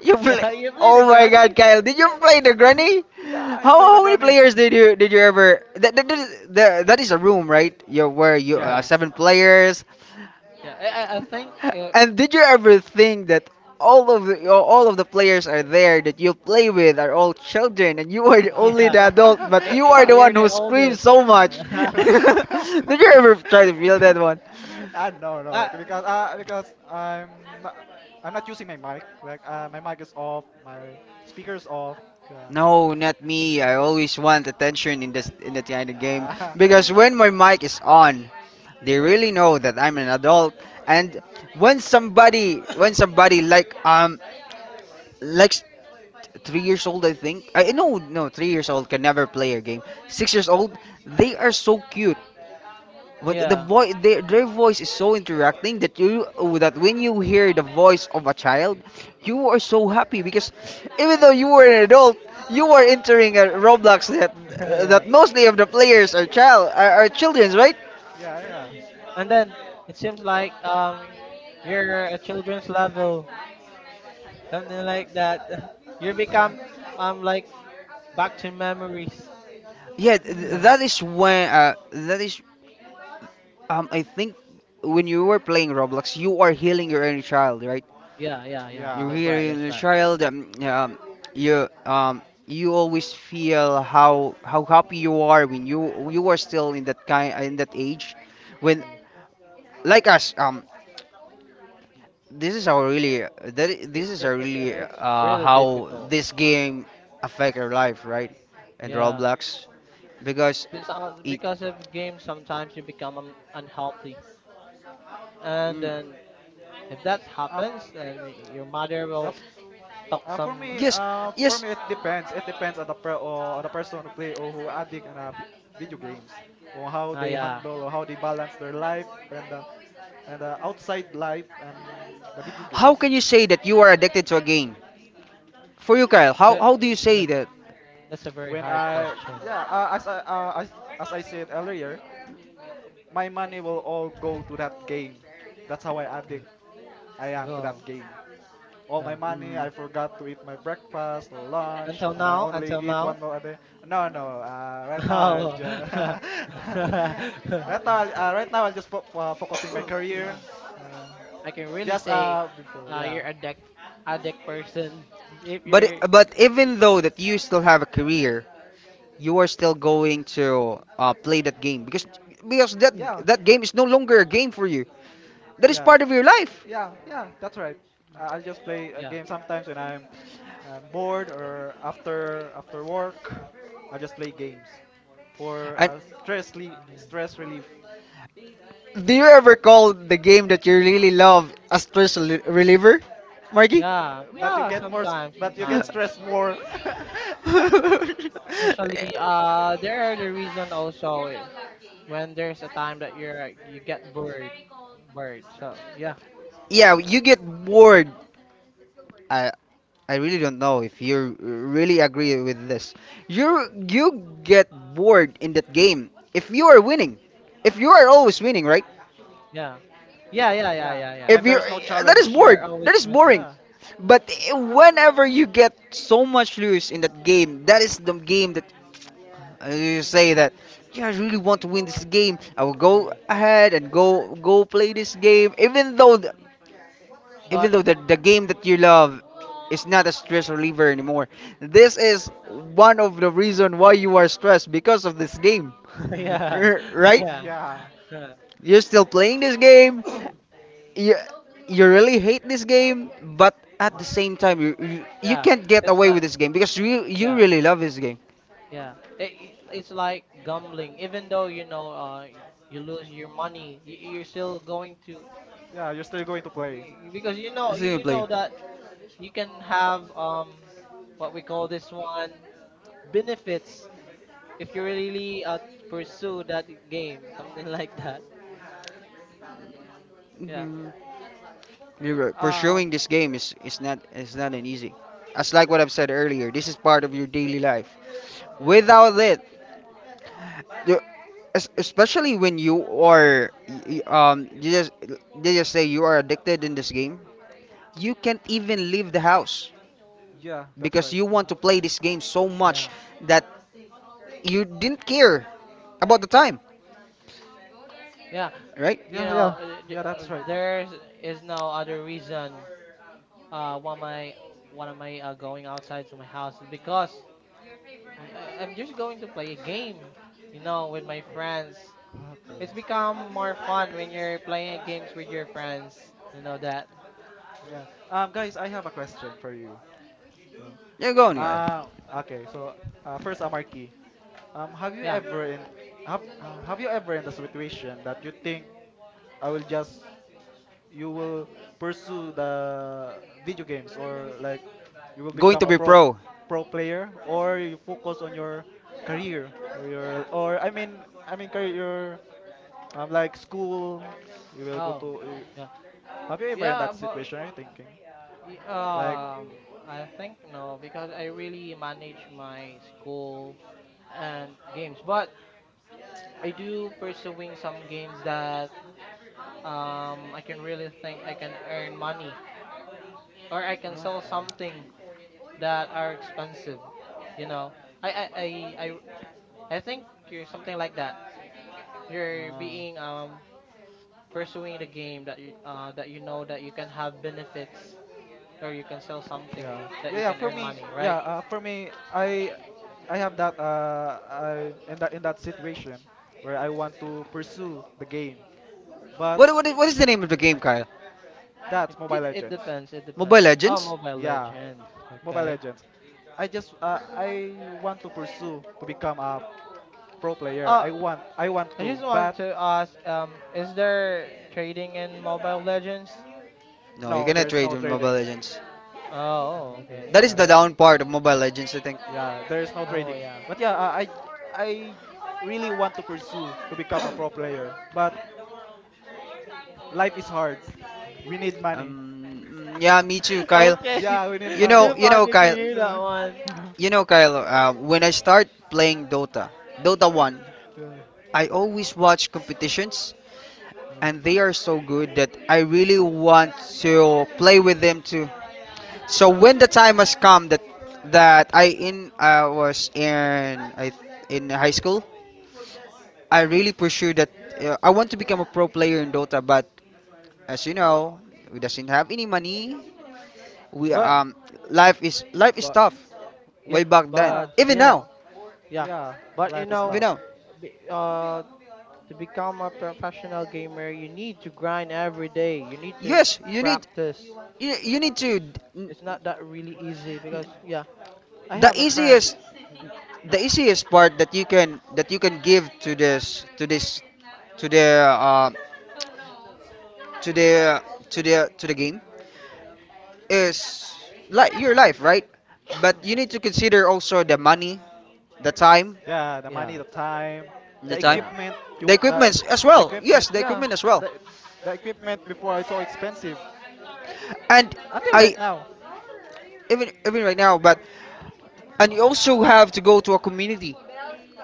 S1: You play.
S2: Yeah,
S1: (laughs)
S2: you play the
S1: Oh my God,
S2: granny.
S1: Kyle! Did you play the Granny?
S3: (laughs) yeah, I play the
S1: How many
S3: Granny.
S1: players did you ever? That is a room, right? You where you
S2: Yeah.
S3: Yes.
S1: seven players.
S2: Yeah, I think
S1: And did you ever think that all of the players are there that you play with are all children, and you are the
S2: (laughs)
S1: only
S2: yeah,
S1: the adult, but you are
S3: Ah.
S1: the
S2: you're
S1: one
S2: the
S1: who
S3: (laughs)
S2: oldest.
S1: screams so much? (laughs)
S2: (laughs)
S1: Did you ever try to feel that one?
S3: Ah no no
S2: Ah,
S3: because because I'm not using my mic, like my mic is off, my speakers off, yeah.
S1: No, not me. I always want attention in this in that kind of game
S3: Ah.
S1: because when my mic is on,
S3: (laughs)
S1: they
S3: Uh.
S1: really know that I'm an adult. And when somebody like 3 years old. I think I no, no, 3 years old can never play a game. 6 years old, they are so cute. When the
S2: yeah,
S1: voice, their voice is so interacting that you that when you hear the voice of a child, you are so happy because even though you were an adult, you are entering a Roblox
S2: (laughs) yeah.
S1: that mostly of the players are child, are children, right?
S3: yeah yeah
S2: And then it seems like you're a children's level, something like that. (laughs) You become
S3: (laughs)
S2: like back to memories.
S1: Yeah,
S2: (laughs)
S1: that is when that is I think when you were playing Roblox, you are healing your inner child, right?
S2: Yeah, yeah, yeah.
S1: You
S3: Yeah.
S2: That's right.
S1: really in
S2: That's
S1: a
S2: right.
S1: child, you always feel how happy you are when you are still in that kind in that age when,
S2: Yeah,
S1: like us,
S2: yeah.
S1: this is our really,
S2: It,
S1: this is
S2: it,
S1: a
S2: it, it- uh,
S1: really,
S2: it's really
S1: how
S2: difficult.
S1: this game affect our life, right? And
S2: Yeah,
S1: Roblox, because it,
S2: because of games, sometimes you become unhealthy, and then if that
S3: Uh,
S2: happens, then your mother
S3: uh,
S2: will
S1: mm.
S2: talk some.
S1: Yes,
S3: for
S1: yes.
S3: me, it depends. It depends on the per or on the person who play or who addict in video games, or how
S2: Ah,
S3: they
S2: yeah.
S3: handle or how they balance their life and outside life and the video
S1: How
S3: games.
S1: can you say that you are addicted to a game? For you, Kyle,
S2: That,
S1: how do you say
S2: that's
S1: that?
S2: that's a very
S3: When
S2: hard
S3: I
S2: question.
S3: Yeah, as I said earlier, my money will all go to that game. That's how I addict
S2: Yeah.
S3: I am to
S2: Go.
S3: that game. All my
S2: Yeah.
S3: money, I forgot to eat my breakfast, lunch,
S2: Until
S3: and I
S2: now,
S3: only
S2: until
S3: eat
S2: now.
S3: one
S2: (laughs)
S3: meal a day. No, no. Right now I'll
S2: Oh.
S3: just (laughs)
S2: (laughs)
S3: right now I'll just focusing my career. Uh,
S2: I can really
S3: just
S2: say,
S3: before
S2: you're
S3: yeah
S2: a addict,
S1: Mm.
S2: addict person. (laughs) If
S1: But
S2: you're,
S1: but even though that you still have a career, you are still going to play that game, because because that
S3: yeah
S1: that game is no longer a game for you. That is
S3: yeah.
S1: part of your life.
S3: Yeah, yeah, that's right. I'll just play a
S2: yeah.
S3: game sometimes when I'm, I bored or after work. I'll just play games for
S1: And
S3: stress
S2: Mm.
S3: relief.
S1: do you ever call the game that you really love a stress reliever, Marky?
S3: Uh,
S2: Yeah, yeah. Sometimes,
S3: but you get
S2: sometimes.
S3: stressed more.
S2: Usually, there
S3: (laughs)
S2: are the reason also is when there's a time that you get bored.
S1: (laughs)
S2: So yeah,
S1: Yeah, you get bored. I I really don't know if you really agree with this. You get bored in that game if you are winning. If you are always winning, right?
S2: yeah, yeah, yeah, yeah,
S3: yeah,
S2: yeah, yeah.
S1: If
S3: and
S1: you
S3: there's no
S1: That is
S2: If
S3: challenge.
S1: bored.
S2: you're always
S1: That is
S2: running,
S1: boring.
S3: Yeah,
S1: But whenever you get so much lose in that game, that is the game that, you say that, yeah, I really want to win this game. I will
S3: yeah,
S1: go
S3: yeah.
S1: ahead and go play this game, even though even
S2: but
S1: though the game that you love is not a stress reliever anymore. This is one of the reason why you are stressed because of this game.
S2: (laughs)
S1: (laughs)
S2: yeah, (laughs)
S1: Right,
S2: yeah,
S3: Yeah,
S2: (laughs)
S1: you're still playing this game, you, you really hate this game, but at the same time you
S2: yeah.
S1: can't get
S2: It's
S1: away with
S2: like
S1: this game because you
S2: yeah,
S1: really love this game.
S2: yeah. It's like gambling. Even though you lose your money, you're still going to
S3: yeah. You're still going to play.
S2: y- because
S1: This is you
S2: you
S1: play.
S2: know that you can have what we call this one benefits if you really pursue that game, (laughs) something like that. Yeah,
S1: Mhm. You're right.
S3: Um,
S1: Pursuing this game is not is not an easy. As like what I've said earlier, this is part of your daily life.
S2: yeah,
S1: Without it, you, especially when you are you just they just say you are addicted in this game, you can't even leave the house
S3: yeah, that's
S1: because
S3: right.
S1: you want to play this game so
S2: yeah,
S1: much
S2: yeah,
S1: that you didn't care about the time,
S2: yeah.
S1: right?
S3: Yeah, yeah, yeah, that's right.
S2: There is no other reason. Uh, why am I, why am I going outside to my house? Because I'm just going to play a game. With my friends. It's
S3: Okay.
S2: become more fun when you're playing games with your friends. You know that.
S3: Yeah. Guys, I have a question for you. So,
S1: Yeah, go on, Noel.
S3: um, okay. So, first, Amarki, have you
S2: Yeah.
S3: ever in have you ever in the situation that you think I will just you will pursue the video games, or like, you will
S1: Going
S3: become
S1: to
S3: a
S1: be
S3: pro
S1: pro.
S3: pro player, or you focus on your career or your, or I mean career, your like
S2: Eh,
S3: school, you will go
S2: Oh.
S3: to.
S2: Yeah.
S3: Have you ever in
S2: Yeah,
S3: that
S2: but.
S3: situation? Are you thinking? Like,
S2: I think no, because I really manage my school and games. But I do pursuing some games that I can really think I can earn money or I can sell
S3: okay,
S2: something that are expensive. You know, I I I I, I think you're something like that. You're
S3: no,
S2: being pursuing the game that you know that you can have benefits or you can sell something
S3: yeah,
S2: that
S3: yeah,
S2: you
S3: yeah.
S2: can
S3: For
S2: earn
S3: me,
S2: money, right?
S3: yeah, for me, I have that. I in that situation where I want to pursue the game, but
S1: What is the name of the game, Kyle?
S2: It
S3: that's Mobile
S2: did. It
S3: Legends.
S2: depends. It
S1: Mobile
S2: depends. Oh,
S1: Legends?
S2: Mobile
S3: Yeah,
S2: Legends.
S3: Mobile
S2: Okay.
S3: Legends. I want to pursue to become a pro player. I
S2: Uh,
S3: want I want
S2: I
S3: to,
S2: just want
S3: but
S2: to ask. Is there trading in Mobile Legends?
S1: No, you
S3: no,
S1: cannot
S3: there's
S1: trade
S3: no
S1: in Mobile
S3: trading.
S1: Legends.
S2: Oh.
S3: Okay,
S2: Okay.
S1: That is
S3: yeah.
S1: the
S2: Okay.
S1: down part of Mobile Legends, I think.
S3: Yeah, there's no
S2: Oh,
S3: trading.
S2: yeah.
S3: But yeah, I really want to pursue to become a pro player, but life is hard. We need money.
S1: Yeah, me too,
S2: (laughs)
S1: Kyle.
S2: Okay.
S3: Yeah, we need
S1: You
S2: (laughs) Too
S1: know,
S3: money.
S1: you know,
S2: funny to
S1: Kyle.
S2: hear that
S3: So-
S2: one.
S3: (laughs)
S1: You know, Kyle. When I start playing Dota, Dota One,
S3: yeah,
S1: I always watch competitions, and they are so good that I really want to play with them too. So when the time has come that that I in I was in I in high school, I really pursue that. I want to become a pro player in Dota, but as you know, we doesn't have any money.
S3: yeah,
S1: We
S2: But
S3: yeah,
S1: life is
S2: but
S1: tough
S2: Yeah.
S1: way back then.
S3: yeah,
S2: But
S1: Even
S2: you
S1: now,
S2: know Yeah.
S3: yeah.
S2: But you
S3: Life is
S1: even
S2: know,
S3: tough.
S1: now.
S2: be- to become a professional gamer, you need to grind every day. You need to
S1: Yes, you need
S2: practice.
S1: you need to
S2: It's not that really easy because yeah. I
S1: the
S2: have a friend.
S1: easiest
S2: um, y-
S1: the easiest part that you can give to this to the to the to the to the game is like your life, right? But you need to consider also the money, the time,
S3: Yeah, the money,
S2: Yeah,
S3: the time,
S1: the
S3: the
S1: time,
S2: yeah,
S3: equipment.
S1: the equipments as
S3: The
S1: well.
S3: equipment.
S1: Yes, the
S3: Yeah,
S1: equipment as well.
S3: the the equipment before it's so expensive.
S1: And
S3: Until
S1: I
S3: right now.
S1: even even right now, but and you also have to go to a community.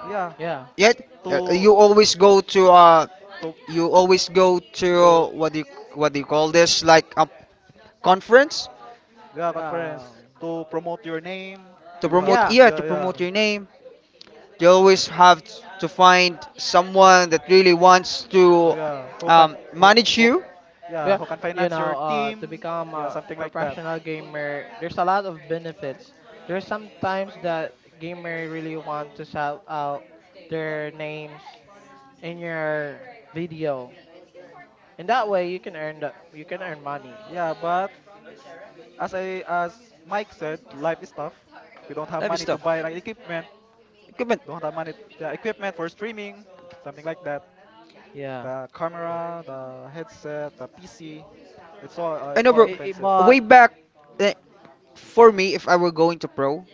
S3: Yeah,
S2: yeah.
S1: Yet you
S3: to
S1: always go to
S3: to
S1: You always go to,
S3: to
S1: what do you call this, like a conference,
S3: yeah,
S2: Um,
S3: conference to promote your name. Do
S1: to
S3: you have?
S1: promote,
S2: yeah,
S1: yeah, to
S3: Yeah, yeah.
S1: promote
S2: yeah,
S1: your name. You always have to find someone that really wants
S3: Oh
S1: to
S3: yeah, who can who,
S1: manage
S3: who
S1: you.
S3: yeah,
S2: yeah.
S3: who can
S2: You
S3: finance
S2: know,
S3: your
S2: uh, to
S3: team?
S2: become
S3: Yeah,
S2: a
S3: something like that.
S2: professional gamer, there's a lot of benefits. There's sometimes that gamer really want to shout out their names in your video. In that way, you can earn money.
S3: Yeah, but as Mike said, life is tough. We don't have
S1: Heavy
S3: money to
S1: stuff.
S3: buy like equipment.
S1: Equipment.
S3: Don't have money, yeah, equipment for streaming, something like that.
S2: Yeah.
S3: The camera, the headset, the PC, it's all uh,
S1: I
S3: it's
S1: know,
S2: I-
S3: all
S1: bro.
S2: I- I-
S3: expensive.
S2: but
S1: Way back, eh, for me, if I were going to pro,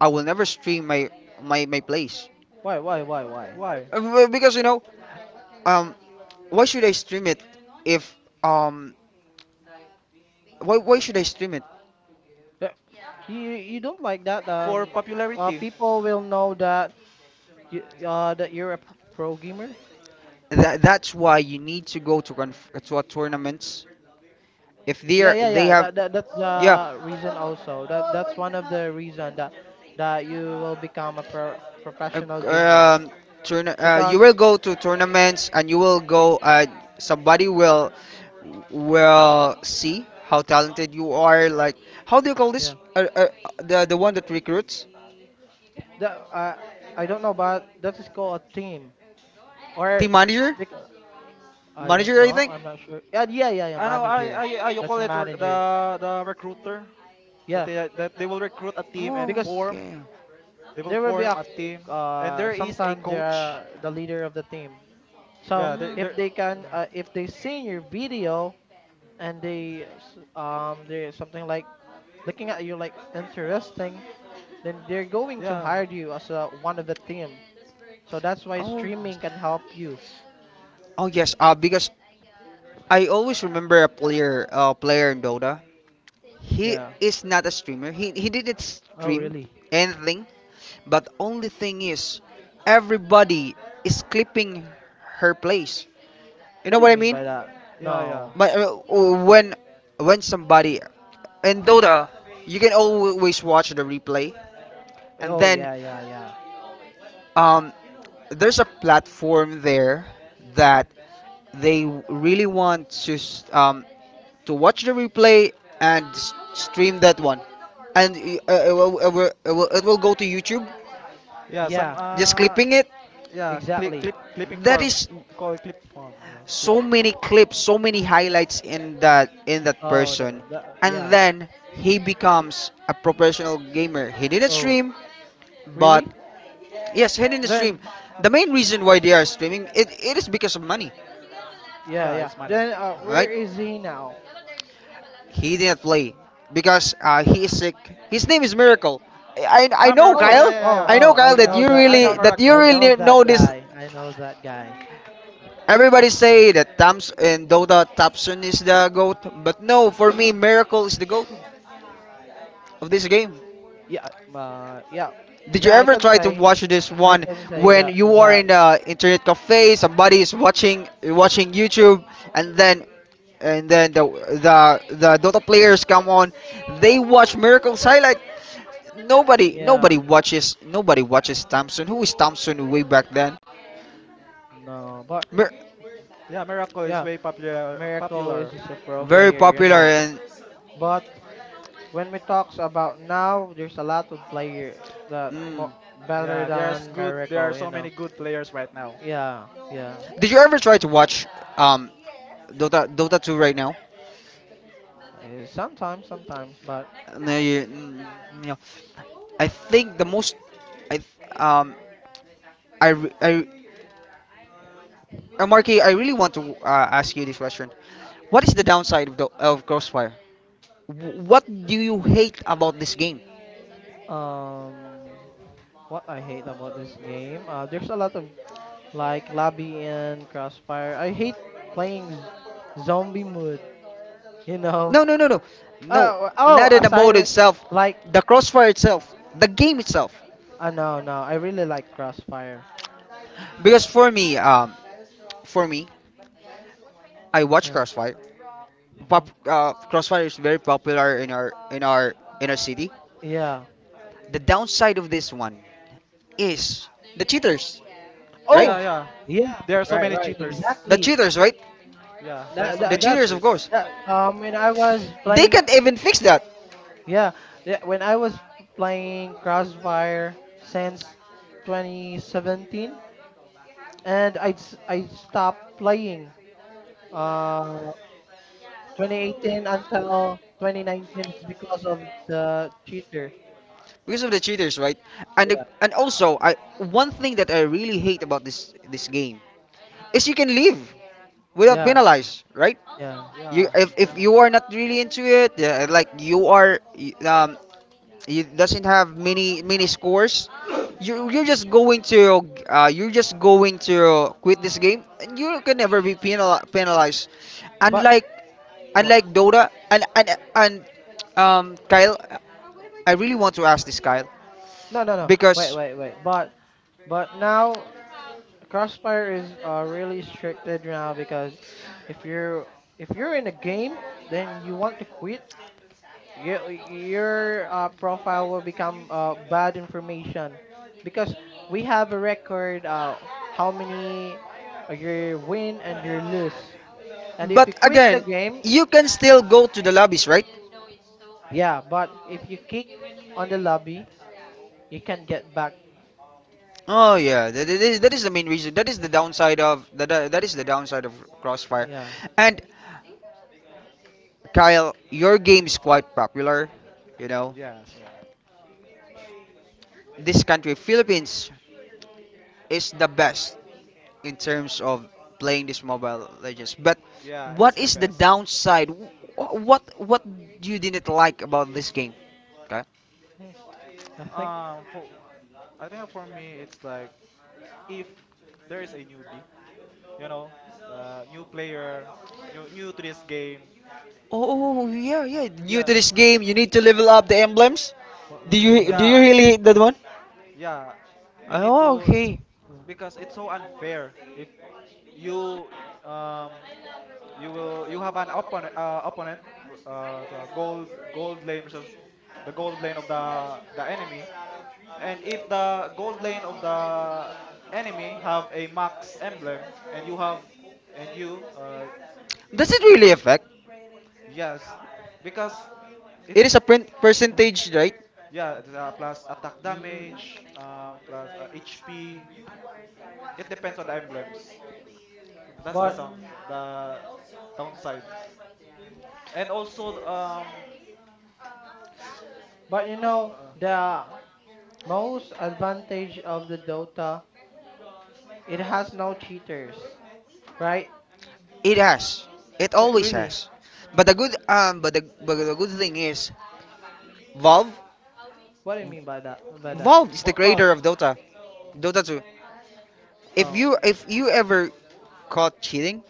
S1: I will never stream my plays.
S2: why, why?
S3: Why?
S1: Because you know, um, why should I stream it if, um, why should I stream it?
S2: Uh, you don't like that.
S3: For popularity.
S2: People will know that. That you're a pro gamer?
S1: That's why you need to go to to a tournaments if they
S2: Yeah,
S1: are
S2: yeah,
S1: they
S2: yeah.
S1: have.
S2: That's
S1: Yeah.
S2: the reason also. That's one of the reason that you will become a
S1: Uh,
S2: professional gamer
S1: um, tourna You will
S2: because
S1: go to tournaments and you will go, somebody will see how talented you are. Like, how do you call this,
S2: yeah.
S1: the one that recruits.
S2: That I don't know, but that is called a team or
S1: Team manager.
S2: because, I don't
S1: Manager, I
S2: know.
S1: think.
S2: I'm not sure. Yeah, yeah, yeah, yeah.
S3: I know.
S2: Manager.
S3: You
S2: That's
S3: call
S2: a
S3: it
S2: manager.
S3: the recruiter. So
S2: Yeah,
S3: that they will recruit a team
S1: Oh,
S3: and
S2: because
S3: form.
S1: okay.
S3: They will
S2: there will be
S3: form
S2: a
S3: a team, and there is a
S2: sometimes they
S3: coach.
S2: are the leader of the team. So
S3: Yeah, there,
S2: if
S3: there.
S1: Mm.
S2: they can
S3: Uh,
S2: if they see your video and they something like looking at you like interesting, then they're going to
S3: yeah,
S2: hire you as one of the team. So that's why
S1: Oh,
S2: streaming can help you.
S1: oh yes, because I always remember a player, player in Dota. He
S2: Yeah.
S1: is not a streamer. He didn't
S2: Oh,
S1: stream
S2: really?
S1: anything. But only thing is, everybody is clipping her place. You
S2: What
S1: know
S2: do you
S1: what I
S2: mean
S1: mean?
S2: by that?
S3: yeah, yeah,
S2: No.
S1: But, when when somebody in Dota, you can always watch the replay, and
S2: Oh,
S1: then
S2: yeah, yeah, yeah,
S1: um, there's a platform there that they really want to to watch the replay and stream that one, and it, will, it, will, it will it will go to YouTube.
S3: yeah. Some
S2: yeah.
S1: Just clipping it.
S3: yeah, clip,
S2: Exactly.
S3: clip, clipping
S1: That
S3: farm.
S1: is
S3: They call it clip farm. Yeah, clip.
S1: so many clips, so many highlights in that
S2: Oh,
S1: person, and
S2: yeah.
S1: then he becomes a professional gamer. He didn't
S2: Oh,
S1: stream, but
S2: really?
S1: yes, he didn't stream.
S2: Then
S1: The main reason why they are streaming it, it is because of money,
S2: yeah,
S3: Yeah,
S2: yeah.
S3: it's money.
S2: Then where
S1: right?
S2: is he now?
S1: He didn't play because, he is sick. His name is Miracle. I
S3: Ah,
S1: know
S3: Miracle.
S2: Oh,
S3: Yeah,
S1: Kyle.
S3: yeah, yeah,
S2: oh,
S3: yeah.
S1: I
S2: oh,
S1: know Kyle
S2: I
S3: Yeah,
S2: know that
S3: I know
S2: guy.
S1: that you
S2: I
S3: Miracle.
S2: know
S1: really
S2: that
S1: know this.
S2: guy. I know that guy.
S1: Everybody say that Thompson, and Dota Thompson is the goat, but no, for me Miracle is the goat of this game.
S2: Yeah, yeah,
S1: Did you
S2: yeah. I
S1: ever
S2: can
S1: try to
S2: say,
S1: watch this
S2: I
S1: one
S2: can say
S1: when
S2: that
S1: you are
S2: that
S1: in the internet cafe, somebody is watching YouTube, and then and then the the Dota players come on, they watch Miracle's highlight. Nobody
S2: yeah,
S1: nobody watches nobody watches Thompson. Who is Thompson way back then?
S2: no, but
S1: Mir-
S3: Yeah, Miracle is
S2: yeah,
S3: way popular,
S2: Miracle is
S3: popular
S2: just a pro
S1: Very
S2: player, you
S1: popular
S3: before
S2: know.
S3: then.
S1: and
S2: But when we talks about now, there's a lot of player that more
S1: mm.
S2: better
S3: Yeah, there's
S2: than
S3: good. There are
S2: Miracle, you
S3: so
S2: know.
S3: many good players right now.
S2: Yeah, yeah.
S1: Did you ever try to watch um Dota 2 right now?
S2: Sometimes, sometimes, but
S1: No, you, n- You know, I think the most, I, th- I, re- I, Marky, I really want to ask you this question. What is the downside of the of Crossfire? What do you hate about this game?
S2: um, what I hate about this game, there's a lot of like lobby and crossfire. I hate playing zombie mode, you know.
S1: No, no, no, no, no.
S2: Oh, oh,
S1: Not in the mode
S2: aside
S1: itself,
S2: like
S1: the Crossfire itself, the game itself.
S2: no, no, I really like Crossfire.
S1: Because for me, I watch
S2: Yeah.
S1: Crossfire.
S2: Hmm.
S1: Crossfire is very popular in our in our city.
S2: Yeah.
S1: The downside of this one is the cheaters.
S2: Oh,
S3: Yeah, yeah.
S2: yeah.
S3: There are so
S2: Right,
S3: many
S2: right.
S3: cheaters.
S1: The
S2: Exactly.
S1: cheaters, right?
S3: Yeah, there are
S2: That,
S3: so
S1: The
S2: that
S3: many
S1: cheaters,
S2: that's
S1: of
S3: cheaters.
S1: course.
S2: that. When I was
S1: They
S2: playing,
S1: can't even fix that
S2: yeah, yeah, when I was playing Crossfire since 2017, and I stopped playing uh 2018 until 2019 because of the cheater.
S1: because of the cheaters, right? And the,
S2: Yeah,
S1: and also, I one thing that I really hate about this this game is you can leave without
S2: yeah,
S1: penalized, right?
S2: yeah.
S1: you
S3: Yeah,
S1: If
S3: kinda.
S1: you are not really into it, yeah, like you are it doesn't have many scores, you you're just going to quit this game and you can never be penalized,
S2: But
S1: unlike
S2: but
S1: unlike Dota and Kyle. I really want to ask this, Kyle,
S2: No, no, no. Wait,
S1: because
S2: wait, wait. But now Crossfire is really stricted now, because if you're if you're in a game, then you want to quit. Your profile will become bad information, because we have a record how many you win and you lose. And if you
S1: but
S2: quit the
S1: again
S2: game,
S1: you can still go to the lobbies, right?
S2: yeah. But if you kick on the lobby, you can get back.
S1: Oh yeah, that, that is the main reason. That is the downside of that. That is the downside of Crossfire.
S2: Yeah,
S1: And Kyle, your game is quite popular. You know,
S3: Yes, yeah.
S1: this country, Philippines, is the best in terms of playing this Mobile Legends. But
S3: Yeah, it's
S1: what
S3: the
S1: is the
S3: best.
S1: downside? Wh- what you didn't like about this game? Okay.
S2: Hmm, I think.
S3: For I think for me it's like, if there is a newbie, you know, new player, new to this game.
S1: Oh yeah, yeah. New
S3: Yeah,
S1: to this game, you need to level up the emblems.
S2: What
S1: Do
S2: was
S1: you
S2: that?
S1: do you
S3: yeah,
S1: really hate that one?
S3: yeah. You need
S1: Oh,
S3: to
S1: okay.
S2: Mm.
S3: because it's so unfair if you um you have an opponent, opponent, the gold lane versus the gold lane of the enemy, and if the gold lane of the enemy have a max emblem and you have and you
S1: Does it really affect?
S3: yes, because it
S1: It is a print
S2: (laughs)
S1: percentage, right?
S3: yeah, it's plus attack
S1: Mm.
S3: damage, plus HP. It depends on the emblems. That's the
S2: But
S3: sound, the downside. And also the,
S2: but
S3: uh,
S2: the most advantage of the Dota, it has no cheaters, right?
S1: It has. It always
S2: Really?
S1: has. But the good thing is Valve.
S2: What do you mean by that? By that?
S1: Valve is the creator
S3: Valve.
S1: of Dota. Dota 2. If
S2: Um.
S1: you ever caught cheating,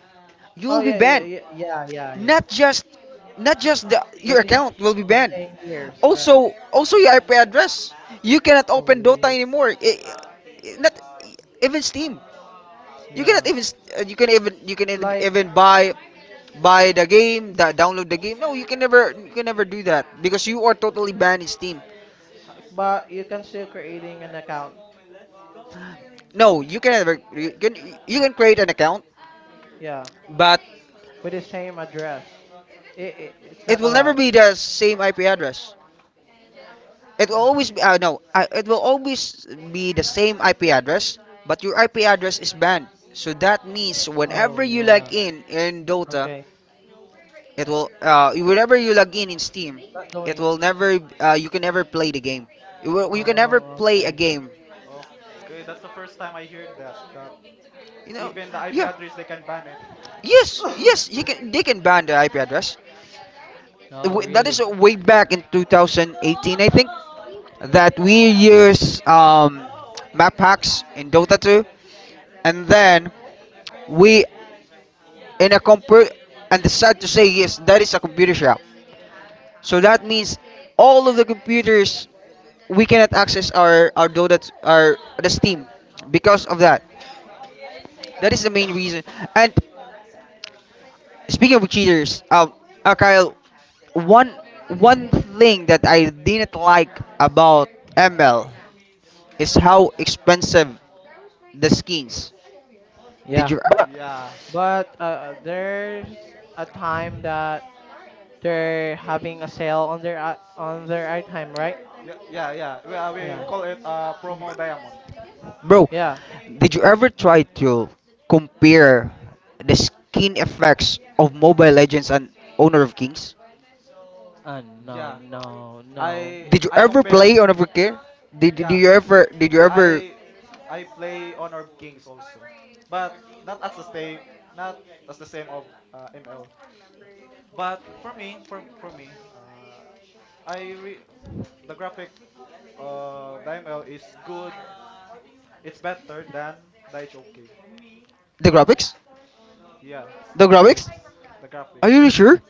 S1: you
S2: Oh,
S1: will be
S2: yeah, yeah,
S1: banned.
S2: yeah, yeah, yeah, yeah.
S1: Not just not just the, your
S2: Within
S1: account will be banned.
S2: within years, right?
S1: Also, also your IP address. You cannot
S2: Oh,
S1: open Dota
S2: really?
S1: anymore. Not even Steam. You cannot
S2: Yeah.
S1: even, you can even you can even
S2: Like,
S1: even buy buy the game, download the game. No, you can never do that because you are totally banned in Steam.
S2: but you can still creating an account.
S1: No, you can never you can you can create an account,
S2: Yeah,
S1: but
S2: with the same address. It's
S1: it
S2: not
S1: will never
S2: allowed.
S1: be the same IP address. It will always be,
S2: (sighs)
S1: no, it will always be the same IP address, but your IP address is banned. So that means
S2: Oh,
S1: whenever you log
S2: yeah.
S1: in Dota,
S2: Okay.
S1: it will whenever you log in Steam,
S2: Not
S1: it
S2: going.
S1: will never you can never play the game. You can
S3: Oh,
S1: never
S2: Oh,
S1: play a
S2: okay.
S1: game.
S3: oh. Okay, that's the first time I heard that. That
S1: You know,
S3: even the IP
S1: yeah.
S3: address they can ban it.
S1: Yes, yes, you can. They can ban the IP address.
S2: Oh,
S1: That is
S2: really?
S3: Oh.
S1: way back in 2018, I think, that we use map hacks in Dota 2, and then we in a computer. And it's sad to say, yes, that is a computer shop. So that means all of the computers we cannot access our Dota, our the Steam because of that. That is the main reason. And speaking of cheaters, Kyle, one one thing that I didn't like about ML is how expensive the skins. Did
S2: Yeah,
S1: you?
S2: but
S3: Yeah.
S2: but uh, there's a time that they're having a sale on their item, right?
S3: Yeah, yeah, yeah. We
S2: Yeah,
S3: call it promo diamond.
S1: Bro,
S2: yeah.
S1: did you ever try to compare the skin effects of Mobile Legends and Honor of Kings?
S2: No,
S3: Yeah.
S2: no, no.
S3: I
S1: Did you
S3: I
S1: ever
S3: compare.
S1: play on overgear? Did, did
S3: Yeah.
S1: you ever did you ever
S3: I I play Honor of Kings also. But not as the stay not as the same of ML. But for me, I re- the graphic of the ML is good. It's better than the HOK.
S1: the
S3: The honor.
S1: graphics?
S3: Yeah,
S1: The
S3: the
S1: graphics?
S3: graphics, the
S1: Are you
S3: graphics.
S1: really sure?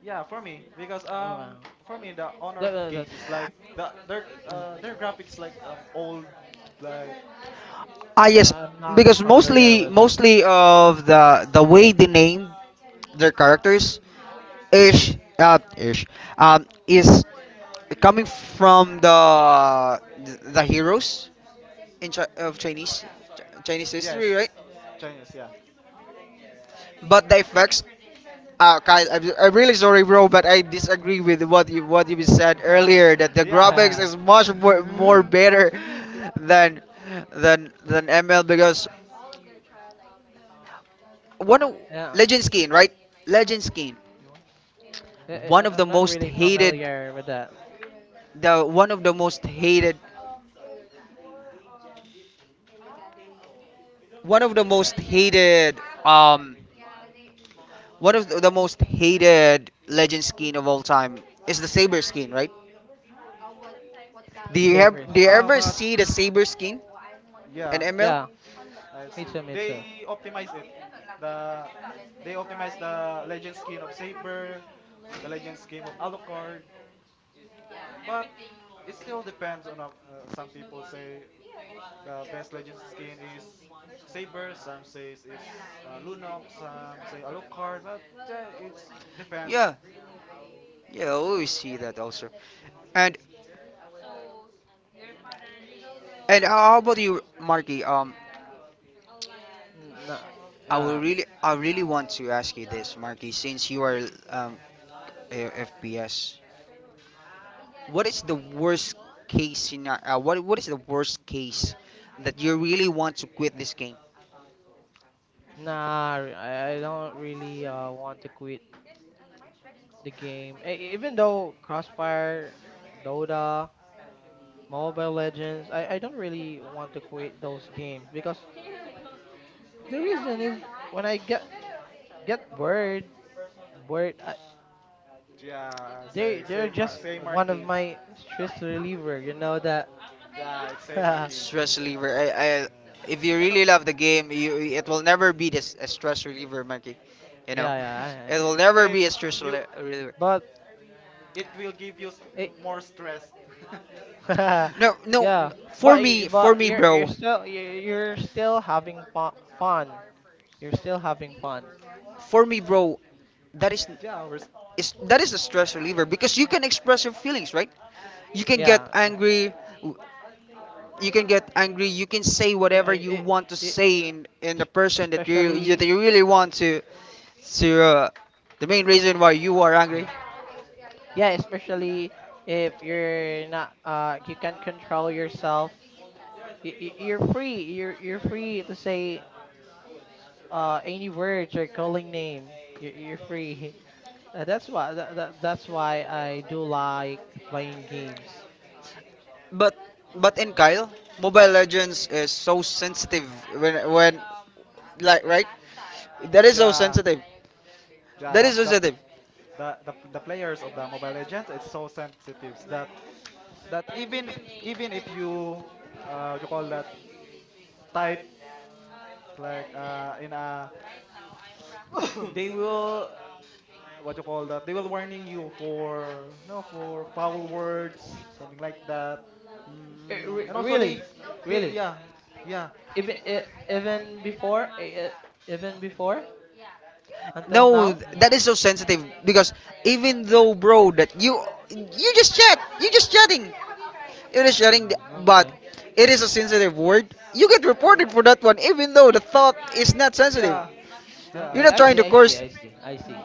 S3: Yeah,
S2: Oh, wow,
S3: for me the Honor of
S2: that, that-
S3: Kings
S2: that's
S3: is like their graphics, like, old, like
S1: Ah yes,
S2: I'm not
S1: because
S2: familiar with that.
S1: mostly of the way they name their characters ish ish is coming from the heroes in Chi- of Chinese Chinese history,
S3: yes,
S1: right?
S3: Chinese, yeah.
S1: But the effects. Kyle, I'm really sorry, bro, but I disagree with what you said earlier that
S3: (laughs)
S1: the
S3: yeah.
S1: graphics is
S2: (laughs)
S1: much
S3: (laughs)
S1: more better than ML, because one of
S2: Yeah,
S1: Legend Skin, right? Legend Skin,
S3: you want you want
S1: one of the
S2: I'm not
S1: most
S2: really
S1: hated,
S2: familiar with that
S1: the one of the most hated, one of the most hated, one of the most hated Legend Skin of all time is the Saber Skin, right? Do you
S2: saber
S1: have do you
S2: skin.
S1: ever
S3: but,
S1: see the saber skin and
S3: yeah,
S1: ML?
S2: Yeah,
S3: I
S2: me
S3: see.
S2: too, me too.
S3: They optimize it. The they optimize the legend skin of Saber, the legend skin of Alucard, but it still depends on, some people say the best legend skin is Saber, some says it's Lunox, some say Alucard, but yeah, it's depend.
S1: Yeah, yeah, I always see that also. And and how about you, Marky?
S2: N- Nah,
S1: I will
S2: uh,
S1: really I really want to ask you this, Marky, since you are um FPS. What is the worst case scenario? What is the worst case that you really want to quit this game?
S2: nah, I don't really want to quit the game. Even though Crossfire, Dota, Mobile Legends, I don't really want to quit those games because the reason is when I get bored, bored. I,
S3: Yeah, I
S2: they
S3: say
S2: they're just
S3: same
S2: one of
S3: marquee.
S2: my stress reliever. You know that.
S3: Yeah, it's
S2: (laughs)
S3: same
S2: Yeah,
S3: marquee.
S1: Stress reliever. If you
S3: And al-
S1: really love the game, you it will never be this a stress reliever, Mikey. You know,
S2: yeah.
S1: it will
S3: (laughs)
S1: never
S3: it
S1: be a stress
S3: you
S1: reliever.
S2: But
S3: it will give you
S2: it,
S3: more stress.
S1: No,
S2: (laughs)
S1: no.
S2: yeah, but y-
S1: For
S2: but
S1: me, bro.
S2: you're still having fun. You're still having fun.
S1: For me, bro. That is
S3: (laughs) yeah,
S1: is that is a stress reliever because you can express your feelings, right? You can get
S2: Yeah,
S1: angry you can get angry you can say
S2: I,
S1: whatever
S2: I,
S1: you
S2: it,
S1: want to
S2: it,
S1: say in the person
S2: especially
S1: that you really want to the main reason why you are
S2: yeah,
S1: angry.
S2: yeah, especially if you're not you can control yourself. You're free. You're free to say any words or calling name. You're free. (laughs) That's why I do like playing games.
S1: But but in Kyle, Mobile Legends is so sensitive when like right, that is so
S3: yeah,
S1: sensitive.
S3: yeah.
S1: That
S3: The,
S1: is so
S3: the
S1: sensitive.
S3: the the the players of the Mobile Legends it's so sensitive that that even even if you what you call that, type, like, in a they will, what you call that, they will warning you for no, for foul words, something like that. And also they,
S2: Really, really.
S3: yeah,
S1: Mm.
S3: yeah,
S2: Even eh, even before eh, eh, even before until
S1: No,
S2: now.
S3: uh,
S1: that is so sensitive because even though, bro, that you just chat, you just chatting,
S2: Oh,
S1: but
S2: okay.
S1: it is a sensitive word. You get
S3: uh,
S1: reported for that one, even though the thought is not sensitive.
S3: yeah,
S1: You're
S3: yeah.
S2: Okay.
S1: not
S2: I
S1: trying
S2: see.
S1: to
S2: I see.
S1: curse.
S2: I see. I see.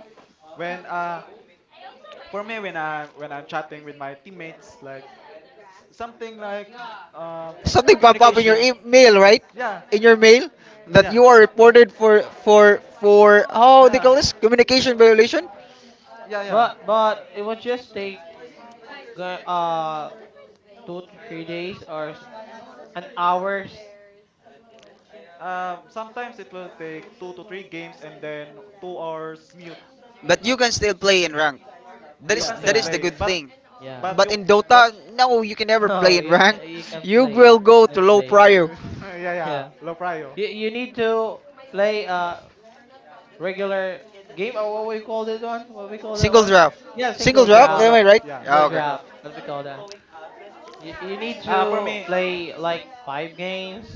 S3: When, for me, when I'm chatting with my teammates, like, something, like, um
S1: Something pop up in your
S3: communication,
S1: email, right?
S3: yeah,
S1: In your mail that
S3: yeah,
S1: you are reported for how they
S3: yeah,
S1: call this communication violation.
S3: yeah, yeah.
S2: But
S3: The-
S2: it was just
S3: the-
S2: take go- uh 2 to 3 days or an hours.
S3: sometimes it will take two to three games and then 2 hours mute.
S1: But you can still play in rank.
S3: You can
S2: Yeah,
S1: That
S3: still
S1: is
S2: yeah,
S1: the
S3: play,
S1: good thing.
S2: yeah.
S3: but
S1: But
S3: you
S1: in Dota,
S3: but
S1: no, you can
S2: (laughs)
S1: never play
S2: No,
S1: in
S2: you can
S1: rank.
S2: you can
S1: (laughs) You
S2: play.
S1: will
S2: You
S1: go
S2: can
S1: to low
S2: play.
S1: prio.
S3: (laughs) yeah,
S2: (laughs)
S3: yeah,
S2: Yeah.
S3: low prio,
S2: You need to play a regular game or what we call that one? What we call that
S1: Single
S2: one?
S1: draft.
S2: Yeah,
S1: Single
S2: single
S1: draft,
S3: single
S2: drop.
S1: am I
S3: draft,
S1: right?
S3: yeah,
S2: Single
S1: Ah, okay.
S3: single
S2: drop.
S3: draft.
S2: What we call that? You need
S3: For
S2: to
S3: me,
S2: play like five games.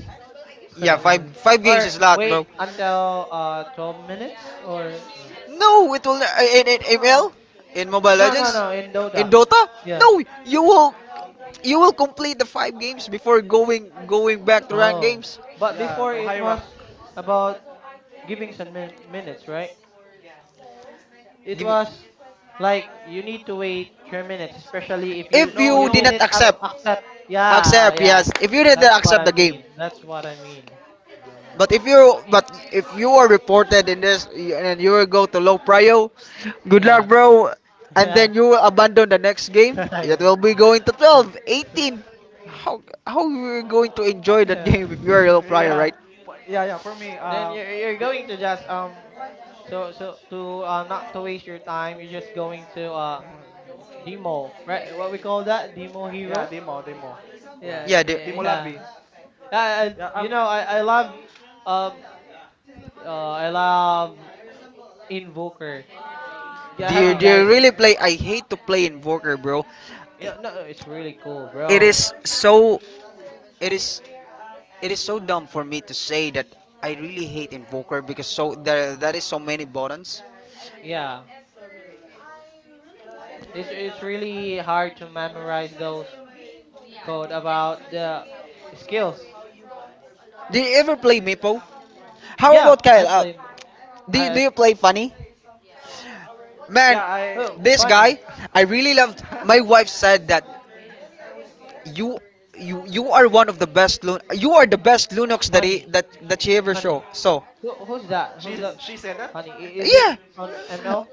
S1: Yeah,
S3: yeah.
S2: (laughs)
S1: five games
S2: Or
S1: is a lot,
S2: wait
S1: bro.
S2: until 12 minutes or
S3: Yeah.
S1: No, it will in
S3: No.
S1: ML, in Mobile
S2: no, no,
S1: Legends.
S2: no, in Dota.
S1: In Dota?
S2: Yeah.
S1: No, you will complete the five games before going back to ranked
S2: Oh,
S1: games.
S2: but
S3: Yeah,
S2: before
S3: to
S2: it
S3: high rank.
S2: was about giving some minutes, right? It was like you need to wait 3 minutes, especially if
S1: If
S2: you
S3: No,
S1: you
S2: you
S1: did not
S2: didn't
S3: no.
S1: accept,
S2: accept. Yeah,
S1: accept,
S2: yeah.
S1: yes. If you
S3: Uh,
S1: did
S2: That's
S1: not
S2: what
S1: accept
S2: I
S1: the game.
S2: mean. That's what I mean.
S3: uh,
S1: But if you are reported in this and you will go to low prio, good
S2: Yeah,
S1: luck, bro. And
S2: (laughs) yeah,
S1: then you will abandon the next game.
S2: (laughs)
S1: It
S2: yeah.
S1: will be going to 12,
S2: (laughs)
S1: 18. How how you going to enjoy that
S2: Yeah.
S1: game
S3: (laughs)
S1: if you are low prio,
S3: yeah.
S1: right?
S3: Yeah, yeah, for me,
S2: Then you're
S3: the,
S2: going to just to not to waste your time, you're just going to
S3: (laughs)
S2: demo, right? What we call that demo
S3: yeah,
S2: hero?
S3: demo, demo.
S2: Yeah,
S3: Yeah.
S1: Yeah, the,
S2: yeah,
S3: Demo
S2: yeah.
S3: lobby.
S2: I
S3: Yeah,
S2: you
S3: up.
S2: know um I love Invoker. Yeah,
S1: Do
S2: have
S1: you,
S2: you guys?
S3: Okay.
S1: really play? I hate to play Invoker, bro.
S2: Yeah, no, it's really cool,
S1: It
S2: bro.
S1: is so. It is. It is so dumb for me to say that I really hate Invoker because so there that is so many buttons.
S2: Yeah, it's really hard to memorize those code about the skills.
S1: Do you ever play Meepo? How
S2: Yeah,
S1: about
S2: I
S1: Kyle?
S2: play.
S1: Do
S2: I
S1: you play funny? Man,
S3: Yeah, I
S2: Oh,
S1: this
S2: funny,
S1: guy, I really loved.
S3: (laughs)
S1: My wife said that. You are one of the best Lun you are the best Lunox that he
S2: funny,
S1: that that she ever
S2: funny.
S1: show. So
S2: Who's that? Who's
S3: She
S2: that?
S3: she said that?
S2: Funny? Is it
S1: yeah,
S3: She,
S2: on ML?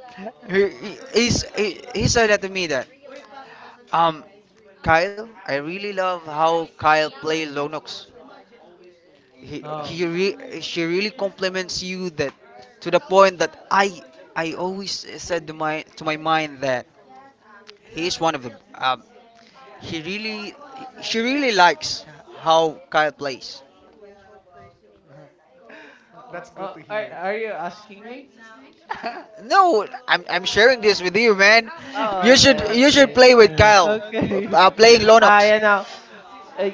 S3: uh,
S1: he, he's- he said that to me that um, Kyle, I really love how Kyle play Lunox.
S2: Oh,
S1: She really compliments you, that to the point that I always said to my mind that he's one of the um, he really, she really likes how Kyle plays.
S3: (laughs) that's good to
S2: are
S3: hear.
S2: are you asking me?
S1: No, I'm sharing this with you, man.
S2: Oh, okay,
S1: You should
S2: okay.
S1: play with
S2: (laughs)
S1: Kyle,
S2: Okay.
S1: playing
S2: (laughs)
S1: Lonox.
S2: Ah,
S3: (laughs)
S2: uh,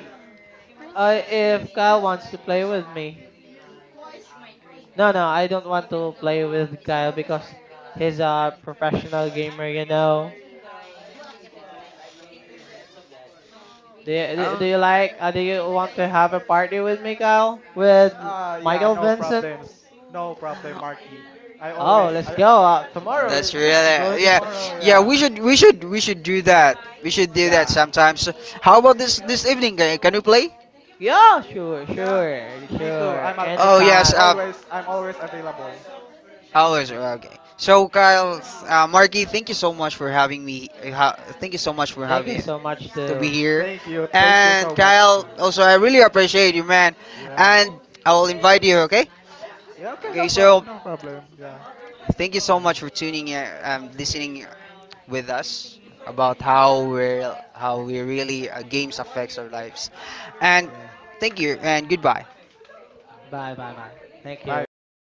S2: if Kyle wants to play with me. No, no,
S3: Okay.
S2: I don't want to play with Kyle because he's a professional gamer, you know. Do you, do do
S1: Um,
S2: you like, Do you want to have a party with me, Kyle? With
S3: Yeah,
S2: Michael
S3: no
S2: Vincent?
S3: problems. No problem, Marky. I
S2: Oh,
S3: always,
S2: let's
S3: I,
S2: go. Tomorrow,
S1: that's really,
S2: we're going
S3: (laughs)
S2: to
S1: yeah,
S2: start.
S3: tomorrow,
S1: yeah.
S3: yeah.
S1: We should do that. We should do that
S3: Yeah.
S1: sometimes. How about this evening? Can we play?
S2: Yeah, sure,
S3: Yeah.
S2: sure,
S3: Me too.
S2: sure.
S3: I'm, a,
S1: Oh
S3: I'm
S1: yes.
S2: Anytime.
S3: always, I'm always available.
S1: Always
S3: Yeah.
S1: okay. So Kyle, Marky, thank you so much for having me. Thank you so much for
S2: Thank you
S1: having
S2: so much,
S1: to be
S2: too.
S1: here.
S3: Thank you. Thank you
S1: And
S3: so much.
S1: Kyle, also, I really appreciate you, man.
S3: Yeah.
S1: And I will invite you, okay?
S3: Yeah, okay,
S1: Okay, so
S3: no problem. Yeah.
S1: thank you so
S3: Yeah.
S1: much for tuning in, listening with us about how we really games affects our lives. And
S3: Yeah.
S1: thank you and goodbye.
S2: Bye, bye, bye. Thank
S3: Bye
S2: you.
S3: bye.